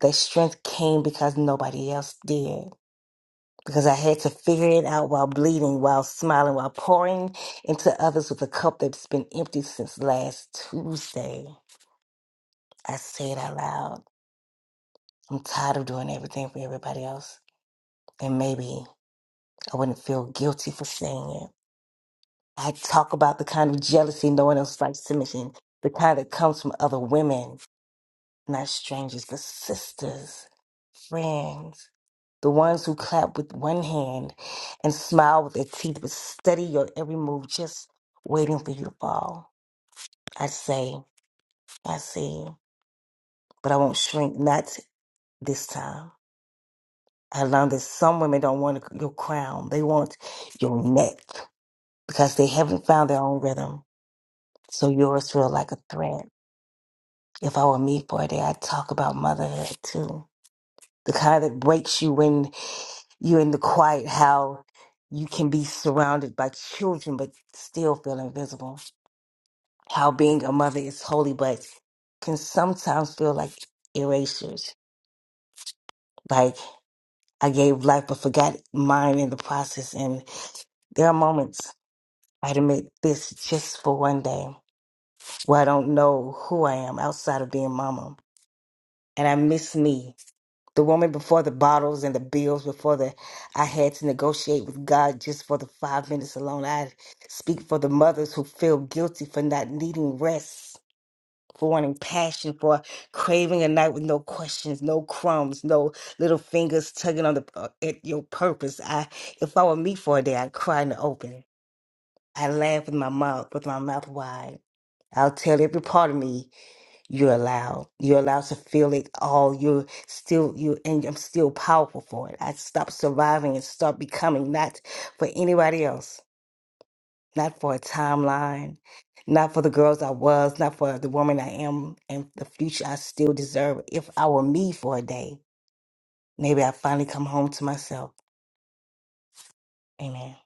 [SPEAKER 11] That strength came because nobody else did. Because I had to figure it out while bleeding, while smiling, while pouring into others with a cup that's been empty since last Tuesday. I say it out loud. I'm tired of doing everything for everybody else. And maybe I wouldn't feel guilty for saying it. I talk about the kind of jealousy no one else likes to mention, the kind that comes from other women, not strangers, but sisters, friends, the ones who clap with one hand and smile with their teeth, but study your every move, just waiting for you to fall. I say, I see, but I won't shrink, not this time. I learned that some women don't want your crown, they want your neck because they haven't found their own rhythm. So yours feel like a threat If I were me for a day, I'd talk about motherhood too. The kind that breaks you when you're in the quiet, how you can be surrounded by children but still feel invisible. How being a mother is holy but can sometimes feel like erasures. Like I gave life but forgot mine in the process. And there are moments I'd admit this just for one day where I don't know who I am outside of being mama. And I miss me The woman before the bottles and the bills before the I had to negotiate with God just for the five minutes alone. I speak for the mothers who feel guilty for not needing rest, for wanting passion, for craving a night with no questions, no crumbs, no little fingers tugging on the uh, at your purpose. I if I were me for a day, I'd cry in the open. I laugh with my mouth with my mouth wide. I'll tell every part of me you're allowed. You're allowed to feel it all. You're still you and I'm still powerful for it. I stop surviving and start becoming not for anybody else, not for a timeline, not for the girls I was, not for the woman I am and the future I still deserve. If I were me for a day, maybe I finally come home to myself. Amen.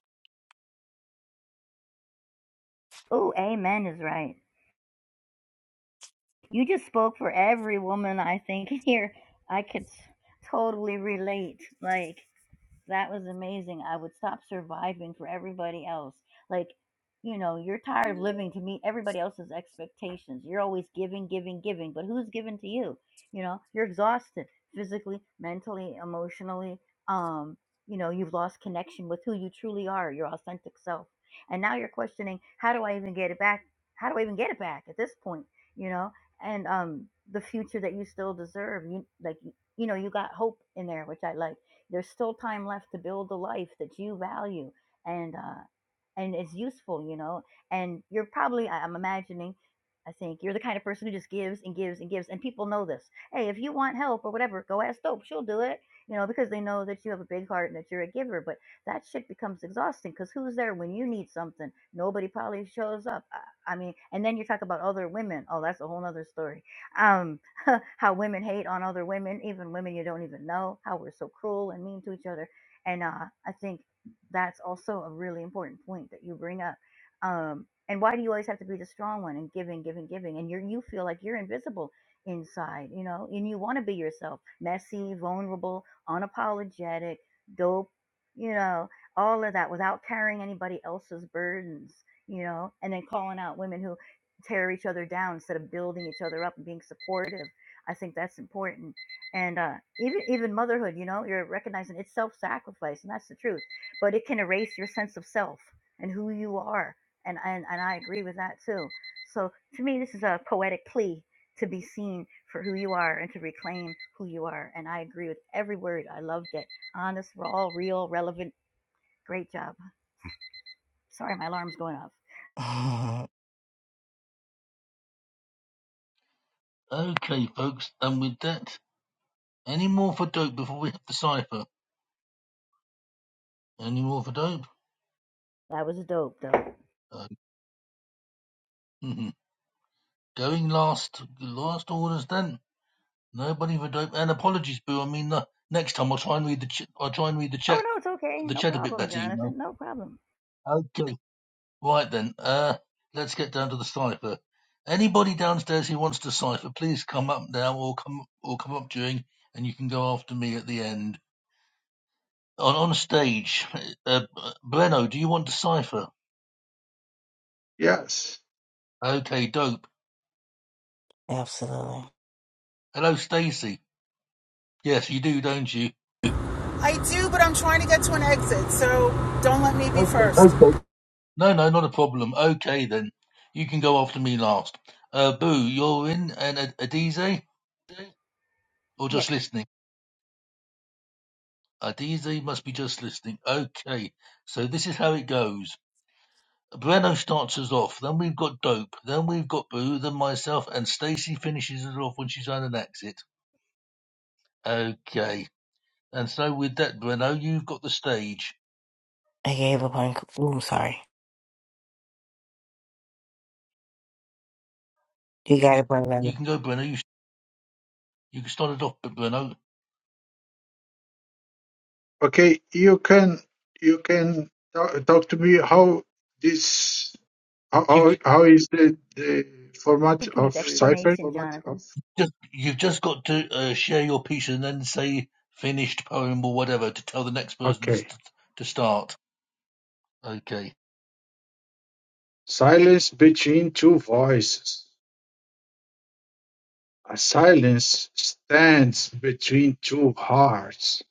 [SPEAKER 8] oh, amen is right. You just spoke for every woman, I think. Here, I could totally relate. Like, That was amazing. I would stop surviving for everybody else. Like, you know, you're tired of living to meet everybody else's expectations. You're always giving, giving, giving, but who's giving to you? You know, you're exhausted physically, mentally, emotionally. Um, you know, you've lost connection with who you truly are, your authentic self. And now you're questioning, how do I even get it back? How do I even get it back at this point? You know, and um the future that you still deserve. You like you know, you got hope in there, which I like there's still time left to build the life that you value. And uh, and it's useful, you know. And you're probably, I- I'm imagining, I think you're the kind of person who just gives and gives and gives, and people know this. Hey, if you want help or whatever, go ask Dope. She'll do it, you know, because they know that you have a big heart and that you're a giver. But that shit becomes exhausting because who's there when you need something? Nobody probably shows up. I, I mean, and then you talk about other women. Oh, that's a whole nother story. Um, how women hate on other women, even women you don't even know, how we're so cruel and mean to each other. And uh, I think that's also a really important point that you bring up. Um, and why do you always have to be the strong one and giving, giving, giving? And you you feel like you're invisible inside, you know, and you want to be yourself, messy, vulnerable, unapologetic, dope, you know, all of that without carrying anybody else's burdens, you know, and then calling out women who tear each other down instead of building each other up and being supportive. I think that's important and uh, even even motherhood, you know, you're recognizing it's self-sacrifice, and that's the truth but it can erase your sense of self and who you are. And, and, and I agree with that too. So to me, this is a poetic plea to be seen for who you are and to reclaim who you are. And I agree with every word. I loved it. Honest, raw, real, relevant. Great job. Sorry, my alarm's going off.
[SPEAKER 11] Mhm.
[SPEAKER 1] Okay, folks. And with that, any more for Dope before we have the cipher? Any more for Dope?
[SPEAKER 8] That was dope, though.
[SPEAKER 1] Uh, mhm. going last. Last orders then. Nobody for Dope. And apologies, Boo. I mean, uh, next time I'll try and read the ch- I'll try and read the
[SPEAKER 8] Oh,
[SPEAKER 1] check
[SPEAKER 8] no, it's okay.
[SPEAKER 1] the
[SPEAKER 8] No
[SPEAKER 1] chat a bit
[SPEAKER 8] problem,
[SPEAKER 1] better, you
[SPEAKER 8] Jonathan.
[SPEAKER 1] know.
[SPEAKER 8] No problem.
[SPEAKER 1] Okay. Right then, uh, let's get down to the cipher. Anybody downstairs who wants to cipher, please come up now, or come or come up during, and you can go after me at the end on on stage. Uh, Bleno, do you want to cipher?
[SPEAKER 3] Yes.
[SPEAKER 1] Okay, dope.
[SPEAKER 11] Absolutely.
[SPEAKER 1] Hello, Stacy. Yes, you do, don't you?
[SPEAKER 12] I do, but I'm trying to get to an exit, so don't let me be
[SPEAKER 1] Okay.
[SPEAKER 12] first. Okay.
[SPEAKER 1] No, no, not a problem. Okay then, you can go after me last. Uh, Boo, you're in, and Ad- Adize, or
[SPEAKER 8] Yeah, I
[SPEAKER 1] just listening. Adize must be just listening. Okay, so this is how it goes. Breno starts us off. Then we've got Dope. Then we've got Boo. Then myself and Stacy finishes us off when she's on an exit. Okay. And so with that, Breno, you've got the stage.
[SPEAKER 11] I gave up on ooh, sorry. You got it,
[SPEAKER 1] You
[SPEAKER 11] brother.
[SPEAKER 1] can go, Breno. You you can start it off, but Breno,
[SPEAKER 3] Okay, you can you can talk, talk to me how this how
[SPEAKER 1] you
[SPEAKER 3] how
[SPEAKER 1] c-
[SPEAKER 3] how is the, the format
[SPEAKER 8] think he needs
[SPEAKER 3] of
[SPEAKER 8] Hey,
[SPEAKER 3] cipher?
[SPEAKER 8] explanation, i Jonathan. ask
[SPEAKER 1] just you've just got to uh, share your piece and then say finished poem or whatever to tell the next person to,
[SPEAKER 3] Okay.
[SPEAKER 1] st- to start. Okay.
[SPEAKER 3] Silence between two voices. A silence stands between two hearts,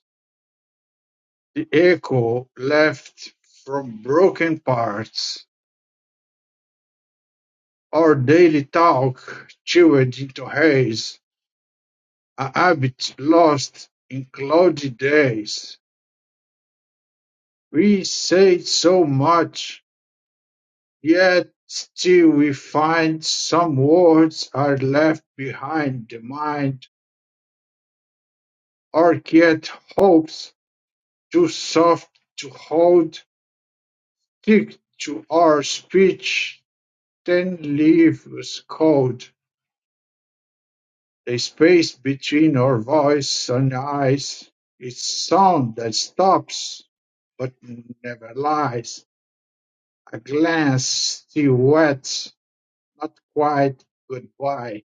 [SPEAKER 3] the echo left from broken parts. Our daily talk chewed into haze, a habit lost in cloudy days. We say so much, yet still we find some words are left behind the mind, or yet hopes too soft to hold Stick to our speech, then leaves cold. The space between our voice and eyes It's sound that stops, but never lies. A glance still wet, not quite goodbye.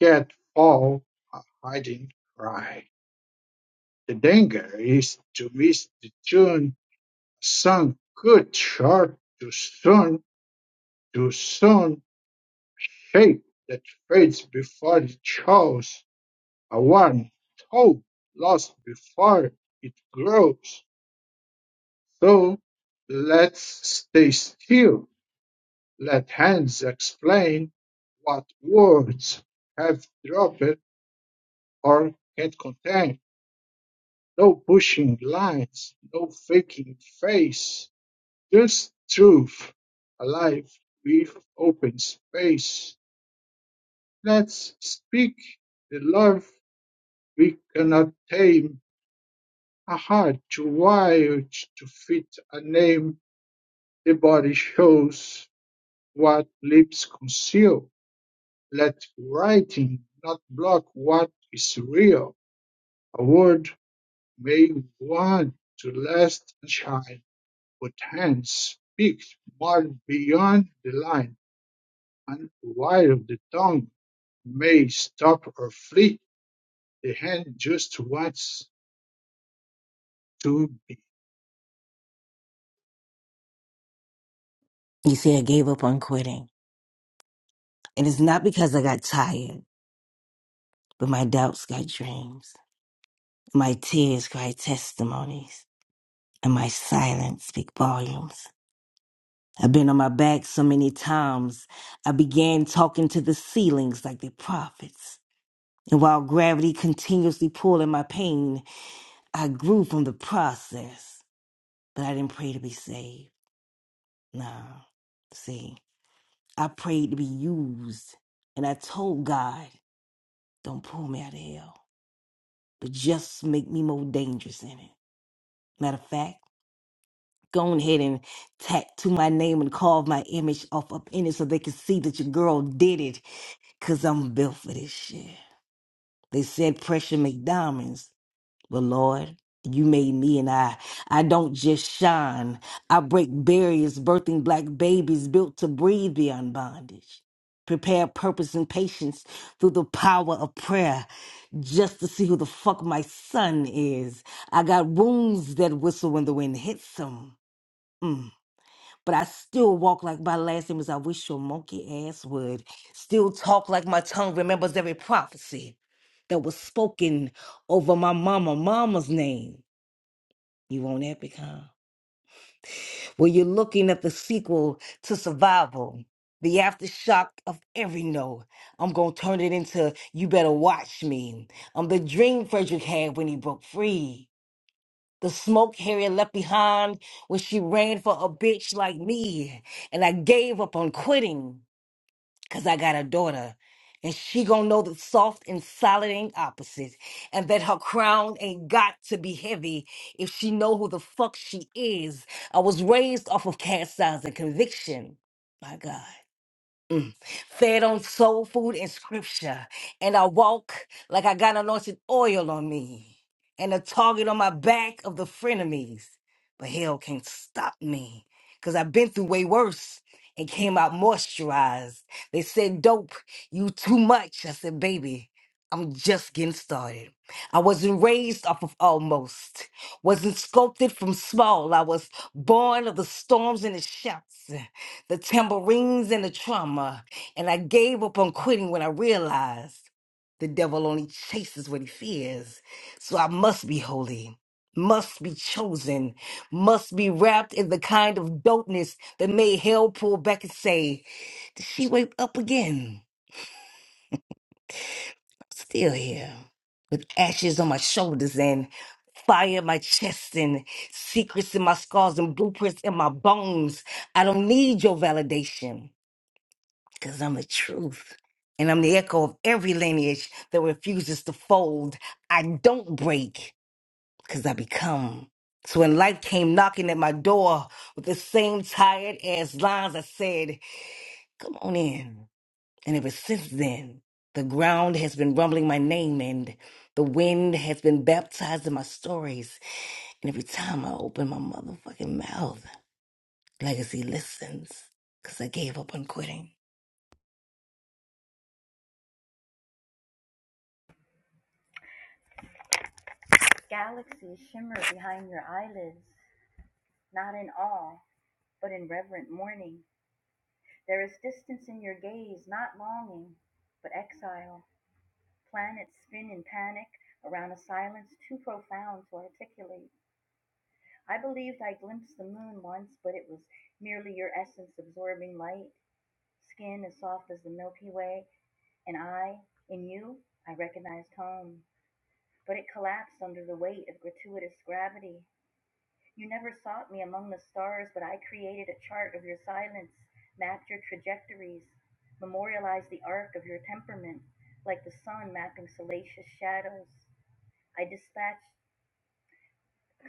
[SPEAKER 3] Yet all a hiding cry. The danger is to miss the tune. Song good short too soon, too soon Shape that fades before it shows a warm tone lost before it grows. So let's stay still, let hands explain what words have dropped or can't contain. No pushing lines, no faking face, just truth, alive with open space. Let's speak the love We cannot tame a heart too wild to fit a name. The body shows what lips conceal. Let writing not block what is real. A word may want to last and shine, but hands speak more beyond the line. And while the tongue may stop or flee, the hand just wants to
[SPEAKER 11] You see, I gave up on quitting. And it's not because I got tired. But my doubts got dreams, my tears cry testimonies, and my silence speak volumes. I've been on my back so many times, I began talking to the ceilings like the prophets. And while gravity continuously pulled in my pain, I grew from the process. But I didn't pray to be saved. Nah. See, I prayed to be used. And I told God, don't pull me out of hell, but just make me more dangerous in it. Matter of fact, go on ahead and tattoo my name and carve my image off up in it so they can see that your girl did it because I'm built for this shit. They said pressure make diamonds, but Lord, you made me and I. I don't just shine. I break barriers, birthing black babies built to breathe beyond bondage. Prepare purpose and patience through the power of prayer just to see who the fuck my son is. I got wounds that whistle when the wind hits them but I still walk like my last name is I wish your monkey ass would. Still talk like my tongue remembers every prophecy that was spoken over my mama, mama's name. You want epic, huh? Well, you're looking at the sequel to Survival, the aftershock of every no. I'm gonna turn it into You Better Watch Me. I'm the dream Frederick had when he broke free the smoke Harriet left behind when she ran for a bitch like me. And I gave up on quitting because I got a daughter. And she gonna know that soft and solid ain't opposite. And that her crown ain't got to be heavy if she know who the fuck she is. I was raised off of cast signs and conviction. My God fed on soul food and scripture. And I walk like I got anointed oil on me and a target on my back of the frenemies. But hell can't stop me because I've been through way worse and came out moisturized. They said, Dope, you too much. I said, Baby, I'm just getting started. I wasn't raised off of almost, wasn't sculpted from small. I was born of the storms and the shouts, the tambourines and the trauma. And I gave up on quitting when I realized the devil only chases what he fears. So I must be holy, must be chosen, must be wrapped in the kind of dopeness that made hell pull back and say, Did she wake up again? I'm still here. With ashes on my shoulders and fire in my chest and secrets in my scars and blueprints in my bones. I don't need your validation. because I'm the truth. And I'm the echo of every lineage that refuses to fold. I don't break because I become. So when life came knocking at my door with the same tired ass lines, I said, Come on in. And ever since then, the ground has been rumbling my name and the wind has been baptized in my stories. And every time I open my motherfucking mouth, legacy listens because I gave up on quitting.
[SPEAKER 8] Galaxies shimmer behind your eyelids, not in awe, but in reverent mourning. There is distance in your gaze, not longing, but exile. Planets spin in panic around a silence too profound to articulate. I believed I glimpsed the moon once, but it was merely your essence absorbing light, skin as soft as the Milky Way, and I, in you, I recognized home. But it collapsed under the weight of gratuitous gravity. You never sought me among the stars, but I created a chart of your silence, mapped your trajectories, memorialized the arc of your temperament, like the sun mapping salacious shadows. I dispatched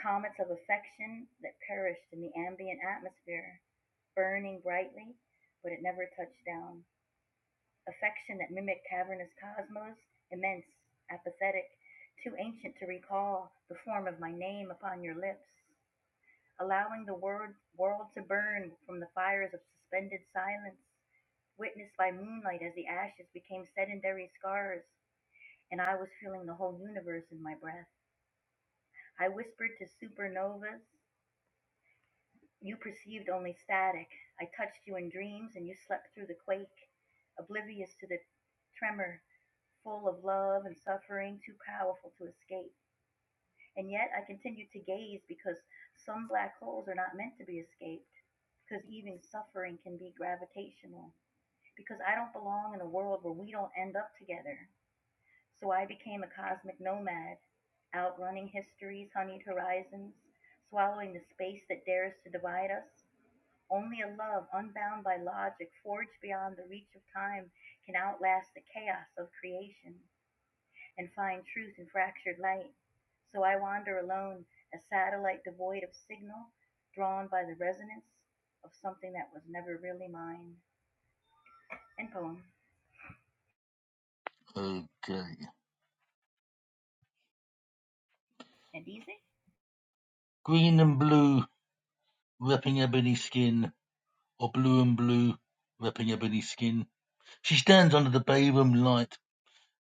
[SPEAKER 8] comets of affection that perished in the ambient atmosphere, burning brightly, but it never touched down. Affection that mimicked cavernous cosmos, immense, apathetic, too ancient to recall the form of my name upon your lips. allowing the world, world to burn from the fires of suspended silence, witnessed by moonlight as the ashes became sedentary scars, and I was feeling the whole universe in my breath. I whispered to supernovas. You perceived only static. I touched you in dreams, and you slept through the quake, oblivious to the tremor, full of love and suffering, too powerful to escape. And yet I continued to gaze because some black holes are not meant to be escaped. because even suffering can be gravitational, because I don't belong in a world where we don't end up together. So I became a cosmic nomad, outrunning history's honeyed horizons, swallowing the space that dares to divide us. Only a love unbound by logic, forged beyond the reach of time, can outlast the chaos of creation and find truth in fractured light. So I wander alone, a satellite devoid of signal, drawn by the resonance of something that was never really mine. End poem.
[SPEAKER 1] Okay.
[SPEAKER 8] And easy?
[SPEAKER 1] Green and blue, repping ebony skin, or blue and blue, repping ebony skin. She stands under the Bavum light.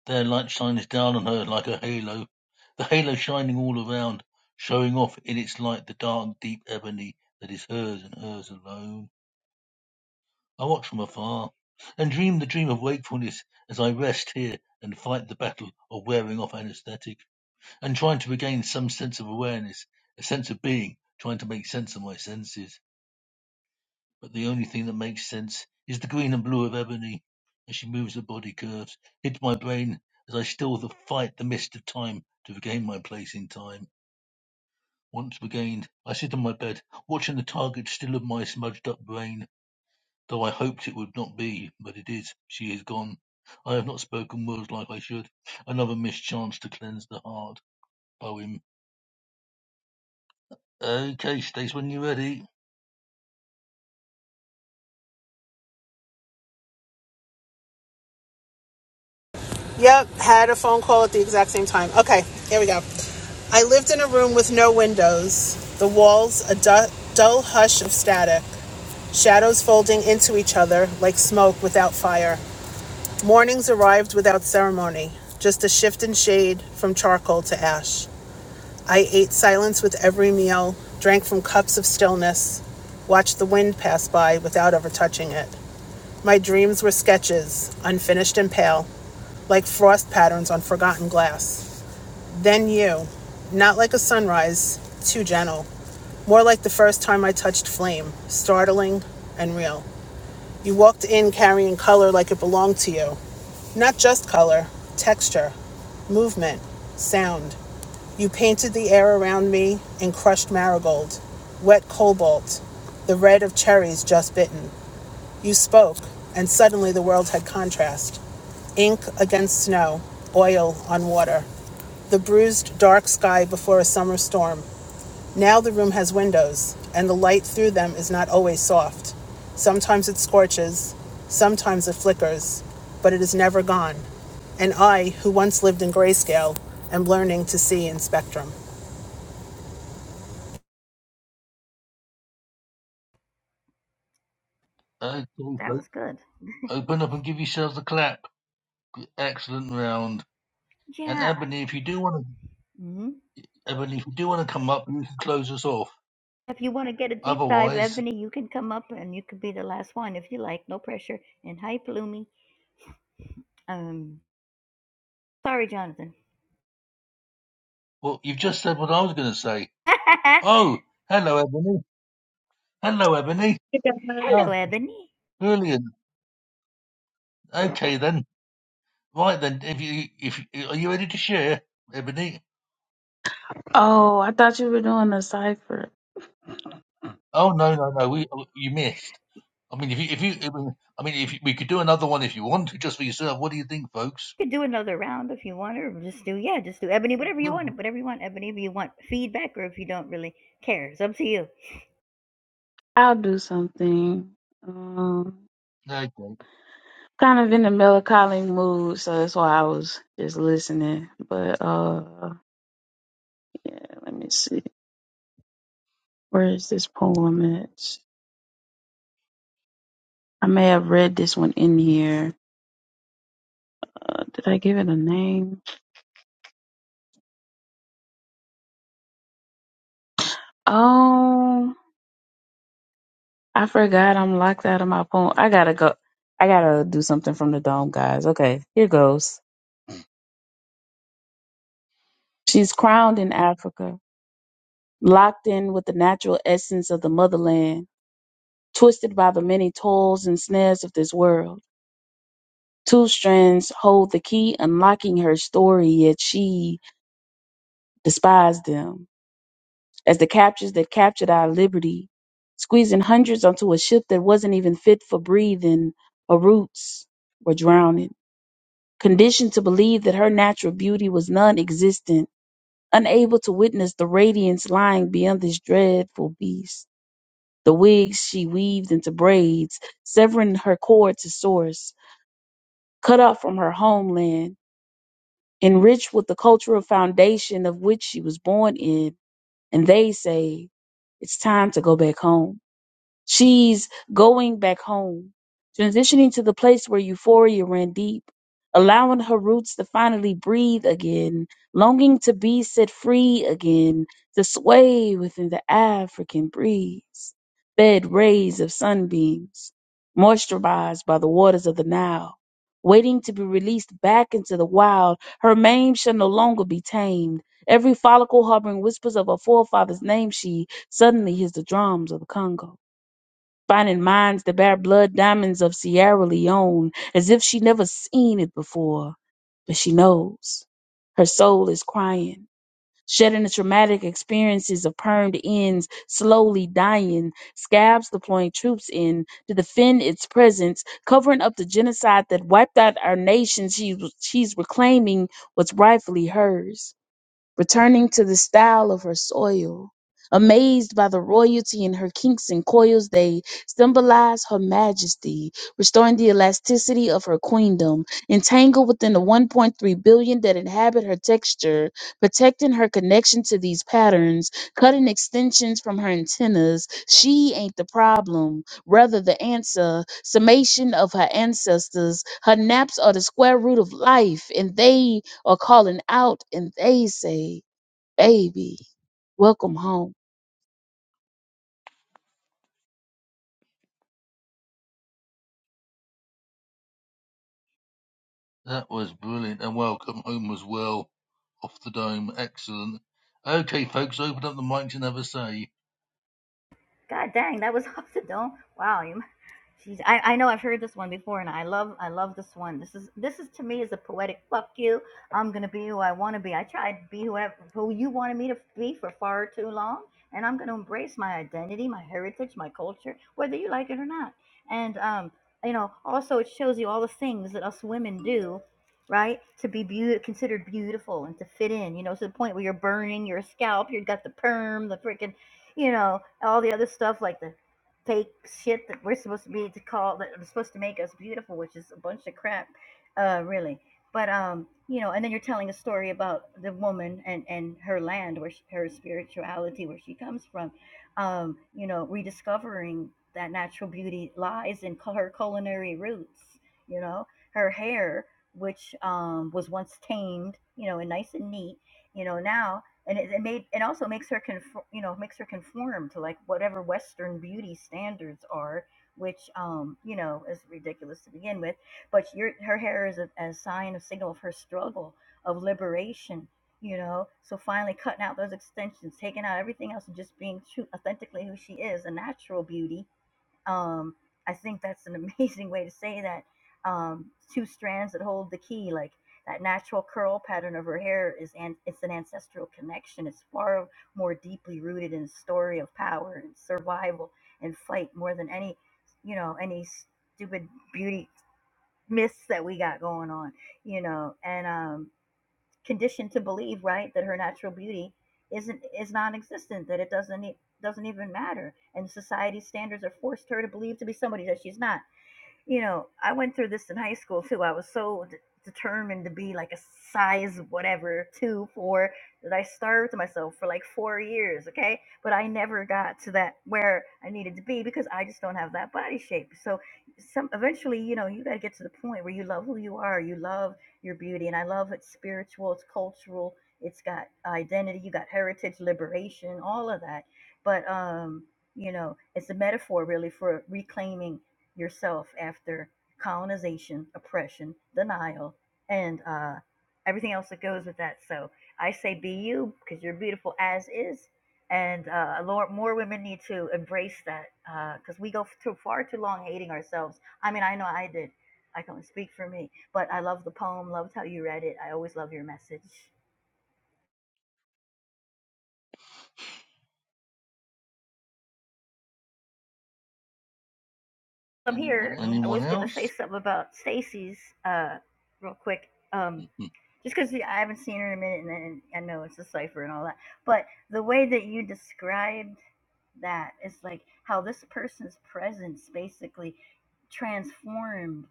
[SPEAKER 1] Their light shines down on her like a halo, the halo shining all around, showing off in its light the dark, deep ebony that is hers and hers alone. I watch from afar and dream the dream of wakefulness as I rest here and fight the battle of wearing off anesthetic and trying to regain some sense of awareness, a sense of being, trying to make sense of my senses. but the only thing that makes sense is the green and blue of ebony as she moves her body curves hit my brain as I still the fight the mist of time to regain my place in time. Once regained, I sit on my bed, watching the target still of my smudged up brain, though I hoped it would not be, but it is. She is gone. I have not spoken words like I should. Another mischance to cleanse the heart. Poem. Okay, Stace, when you're ready.
[SPEAKER 12] Yep, had a phone call at the exact same time. Okay, here we go. I lived in a room with no windows, the walls a du- dull hush of static, shadows folding into each other like smoke without fire. Mornings arrived without ceremony, just a shift in shade from charcoal to ash. I ate silence with every meal, drank from cups of stillness, watched the wind pass by without ever touching it. My dreams were sketches, unfinished and pale, like frost patterns on forgotten glass. Then you, not like a sunrise, too gentle, more like the first time I touched flame, startling and real. You walked in carrying color like it belonged to you. Not just color, texture, movement, sound. You painted the air around me in crushed marigold, wet cobalt, the red of cherries just bitten. You spoke, and suddenly the world had contrast ink against snow, oil on water. The bruised, dark sky before a summer storm. Now the room has windows, and the light through them is not always soft. Sometimes it scorches, sometimes it flickers, but it is never gone. And I, who once lived in grayscale, am learning to see in spectrum.
[SPEAKER 1] Okay,
[SPEAKER 8] That
[SPEAKER 1] folks.
[SPEAKER 8] was good.
[SPEAKER 1] Open up and give yourselves a clap. Excellent round. And
[SPEAKER 8] Yeah.
[SPEAKER 1] Ebony, if you do want to,
[SPEAKER 8] hmm
[SPEAKER 1] Ebony, if you do want to come up, you can close us off.
[SPEAKER 8] If you want to get a deep dive,
[SPEAKER 1] Otherwise,
[SPEAKER 8] Ebony, you can come up and you could be the last one if you like. No pressure. And hi, Palumi. Um, sorry, Jonathan.
[SPEAKER 1] well, you've just said what I was going to say. Oh, hello, Ebony. Hello, Ebony. Ah,
[SPEAKER 8] Hello, Ebony.
[SPEAKER 1] brilliant. Okay then. Right then. If you, if you- are you ready to share, Ebony?
[SPEAKER 13] Oh, I thought you were doing a cipher.
[SPEAKER 1] Oh no, no, no. We oh, you missed. I mean, if you, if you, I mean, I mean, if you, we could do another one if you want to, just for yourself. What do you think, folks?
[SPEAKER 8] could do another round if you want, or just do yeah, just do ebony, whatever you
[SPEAKER 1] No,
[SPEAKER 8] want, whatever you want, ebony, if you want feedback or if you don't really care. It's up to you.
[SPEAKER 13] I'll do something. Um,
[SPEAKER 1] Okay.
[SPEAKER 13] kind of in a melancholy mood, so that's why I was just listening. But uh, yeah, let me see. Where is this poem at? I may have read this one in here. Uh, did I give it a name? Oh, I forgot. I'm locked out of my poem. I gotta go. I gotta do something from the dome, guys. Okay, here goes. She's crowned in Africa. locked in with the natural essence of the motherland, twisted by the many toils and snares of this world. Two strands hold the key unlocking her story, yet she despised them as the captures that captured our liberty, squeezing hundreds onto a ship that wasn't even fit for breathing. Her roots were drowning, conditioned to believe that her natural beauty was non existent, unable to witness the radiance lying beyond this dreadful beast. The wigs she weaved into braids, severing her cord to source, cut off from her homeland, enriched with the cultural foundation of which she was born in. And they say, it's time to go back home. She's going back home, transitioning to the place where euphoria ran deep, allowing her roots to finally breathe again, longing to be set free again, to sway within the African breeze, fed rays of sunbeams, moisturized by the waters of the Nile. Waiting to be released back into the wild, her mane shall no longer be tamed. Every follicle harboring whispers of her forefather's name, she suddenly hears the drums of the Congo finding mines that bear blood diamonds of Sierra Leone as if she never seen it before. But she knows. Her soul is crying, shedding the traumatic experiences of permed ends, slowly dying, scabs deploying troops in to defend its presence, covering up the genocide that wiped out our nation she, she's reclaiming what's rightfully hers returning to the style of her soil. Amazed by the royalty in her kinks and coils, they symbolize her majesty, restoring the elasticity of her queendom, entangled within the 1.3 billion that inhabit her texture, protecting her connection to these patterns, cutting extensions from her antennas. She ain't the problem, rather the answer, summation of her ancestors. Her naps are the square root of life, and they or calling out and they say, baby, welcome home.
[SPEAKER 1] That was brilliant. And welcome home as well. Off the dome. Excellent. Okay, folks, open up the mics and have a say.
[SPEAKER 8] God dang, that was off the dome. Wow, you, jeez, I, I know I've heard this one before, and I love I love this one. This is this is to me is a poetic fuck you. I'm gonna be who I want to be. I tried to be whoever who you wanted me to be for far too long, and I'm gonna embrace my identity, my heritage, my culture, whether you like it or not. And um, you know, also it shows you all the things that us women do. Right to be beau- considered beautiful and to fit in, you know, to the point where you're burning your scalp, you've got the perm, the freaking you know, all the other stuff like the fake shit that we're supposed to be to call that are supposed to make us beautiful, which is a bunch of crap, uh, really. But um, you know, and then you're telling a story about the woman and and her land, where she, her spirituality, where she comes from, um, you know, rediscovering that natural beauty lies in her culinary roots. You know, her hair, which um was once tamed, you know, and nice and neat, you know, now and it, it made it also makes her conform, you know makes her conform to like whatever western beauty standards are which um you know is ridiculous to begin with but your her hair is a, a sign a signal of her struggle of liberation you know so finally cutting out those extensions taking out everything else and just being true authentically who she is a natural beauty um, I think that's an amazing way to say that. Um, two strands that hold the key, like that natural curl pattern of her hair, is an, it's an ancestral connection. It's far more deeply rooted in the story of power and survival and fight more than any, you know, any stupid beauty myths that we got going on, you know. And um, conditioned to believe, right, that her natural beauty isn't is non-existent, that it doesn't e- doesn't even matter, and society's standards have forced her to believe to be somebody that she's not you know, I went through this in high school too. I was so d- determined to be like a size whatever two, four that I starved myself for like four years. Okay, but I never got to that where I needed to be because I just don't have that body shape. So, some eventually, you know, you got to get to the point where you love who you are. You love your beauty, and I love it's spiritual, it's cultural, it's got identity, you got heritage, liberation, all of that. But um, you know, it's a metaphor really for reclaiming yourself after colonization, oppression, denial, and uh, everything else that goes with that. So I say be you because you're beautiful as is. And uh, Lord, more women need to embrace that because uh, we go too far too long hating ourselves. I mean, I know I did. I can only speak for me, but I love the poem. Loved how you read it. I always love your message. From Anyone here, I
[SPEAKER 1] Anyone
[SPEAKER 8] was going to say
[SPEAKER 1] else?
[SPEAKER 8] something about Stacy's uh, real quick. Um,
[SPEAKER 1] Hmm.
[SPEAKER 8] just because I haven't seen her in a minute, and then I know it's a cipher and all that. But the way that you described that. It's like how this person's presence basically transformed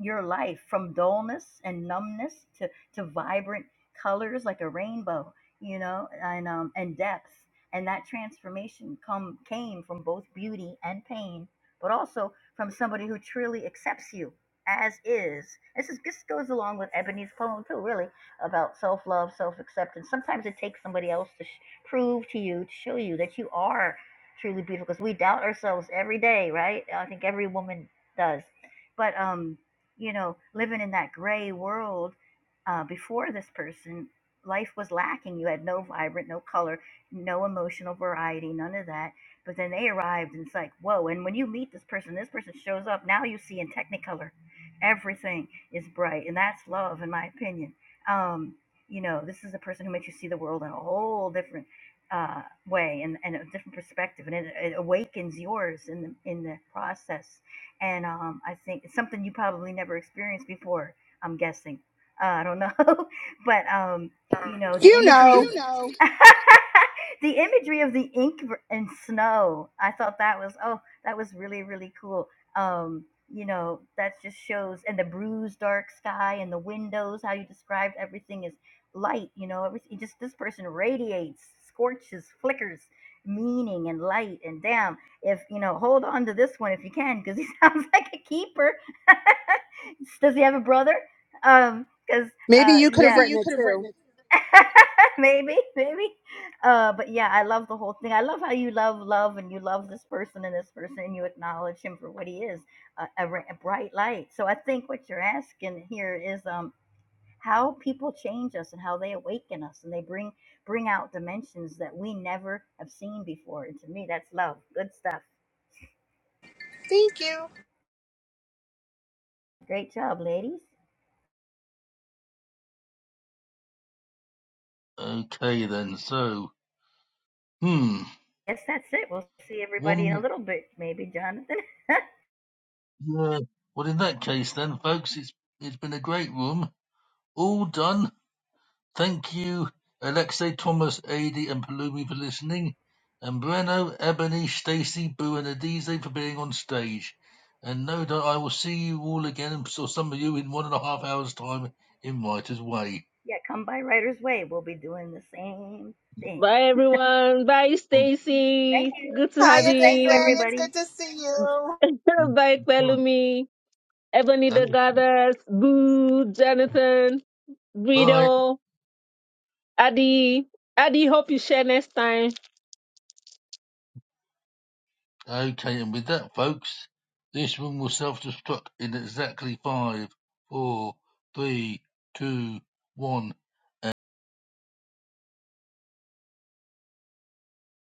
[SPEAKER 8] your life from dullness and numbness to, to vibrant colors like a rainbow, you know, and um and depth. And that transformation come came from both beauty and pain, but also from somebody who truly accepts you as is. This is this goes along with Ebony's poem too, really, about self love, self acceptance. Sometimes it takes somebody else to sh- prove to you, to show you that you are truly beautiful because we doubt ourselves every day, right? I think every woman does. But um, you know, living in that gray world uh, before this person, life was lacking. You had no vibrant, no color, no emotional variety, none of that. But then they arrived, and it's like, whoa! And when you meet this person, this person shows up. Now you see in Technicolor, everything is bright, and that's love, in my opinion. Um, you know, this is a person who makes you see the world in a whole different uh, way and, and a different perspective, and it, it awakens yours in the in the process. And um, I think it's something you probably never experienced before. I'm guessing. Uh, I don't know, but um, you know the
[SPEAKER 12] You
[SPEAKER 8] imagery of
[SPEAKER 12] know,
[SPEAKER 8] You know, the imagery of the ink v- and snow. I thought that was oh that was really really cool. Um, you know that just shows and the bruised dark sky and the windows. How you described everything light you know everything just this person radiates scorches flickers meaning and light and damn if you know hold on to this one if you can because he sounds like a keeper does he have a brother um because
[SPEAKER 12] maybe
[SPEAKER 8] uh yeah,
[SPEAKER 12] you
[SPEAKER 8] Maybe
[SPEAKER 12] could have
[SPEAKER 8] yeah
[SPEAKER 12] written
[SPEAKER 8] you
[SPEAKER 12] it
[SPEAKER 8] could have written
[SPEAKER 12] too.
[SPEAKER 8] it. maybe maybe uh but yeah i love the whole thing i love how you love love and you love this person and this person and you acknowledge him for what he is a, a, a bright light so i think what you're asking here is um how people change us and how they awaken us and they bring bring out dimensions that we never have seen before and to me that's love good stuff
[SPEAKER 12] Thank you.
[SPEAKER 8] great job ladies
[SPEAKER 1] Okay, then. So, hmm.
[SPEAKER 8] yes that's it we'll see everybody
[SPEAKER 1] One
[SPEAKER 8] in a
[SPEAKER 1] more.
[SPEAKER 8] little bit maybe jonathan
[SPEAKER 1] Yeah. Well, in that case, then, folks, it's it's been a great room. All done. Thank you, Alexei, Thomas, Adi, and Palumi for listening, and Breno, Ebony, Stacy, Boo, and Adize for being on stage. And no doubt I will see you all again, or some of you in one and a half hours' time in Writer's Way.
[SPEAKER 8] yeah come by writer's way we'll be doing the same thing
[SPEAKER 2] Bye everyone. Bye
[SPEAKER 8] thank
[SPEAKER 2] Stacy.
[SPEAKER 8] you
[SPEAKER 2] Good to have
[SPEAKER 12] Hiya,
[SPEAKER 8] thank you
[SPEAKER 12] Daisy.
[SPEAKER 2] you.
[SPEAKER 12] It's
[SPEAKER 8] everybody
[SPEAKER 12] good to see you.
[SPEAKER 2] Bye Pelumi. Ebony the Goddess. Boo. Jonathan.
[SPEAKER 1] Bye.
[SPEAKER 2] Guido. Adi. Adi, hope you share next time.
[SPEAKER 1] Okay, and with that, folks, this room will self-destruct in exactly five, four, three, two, one.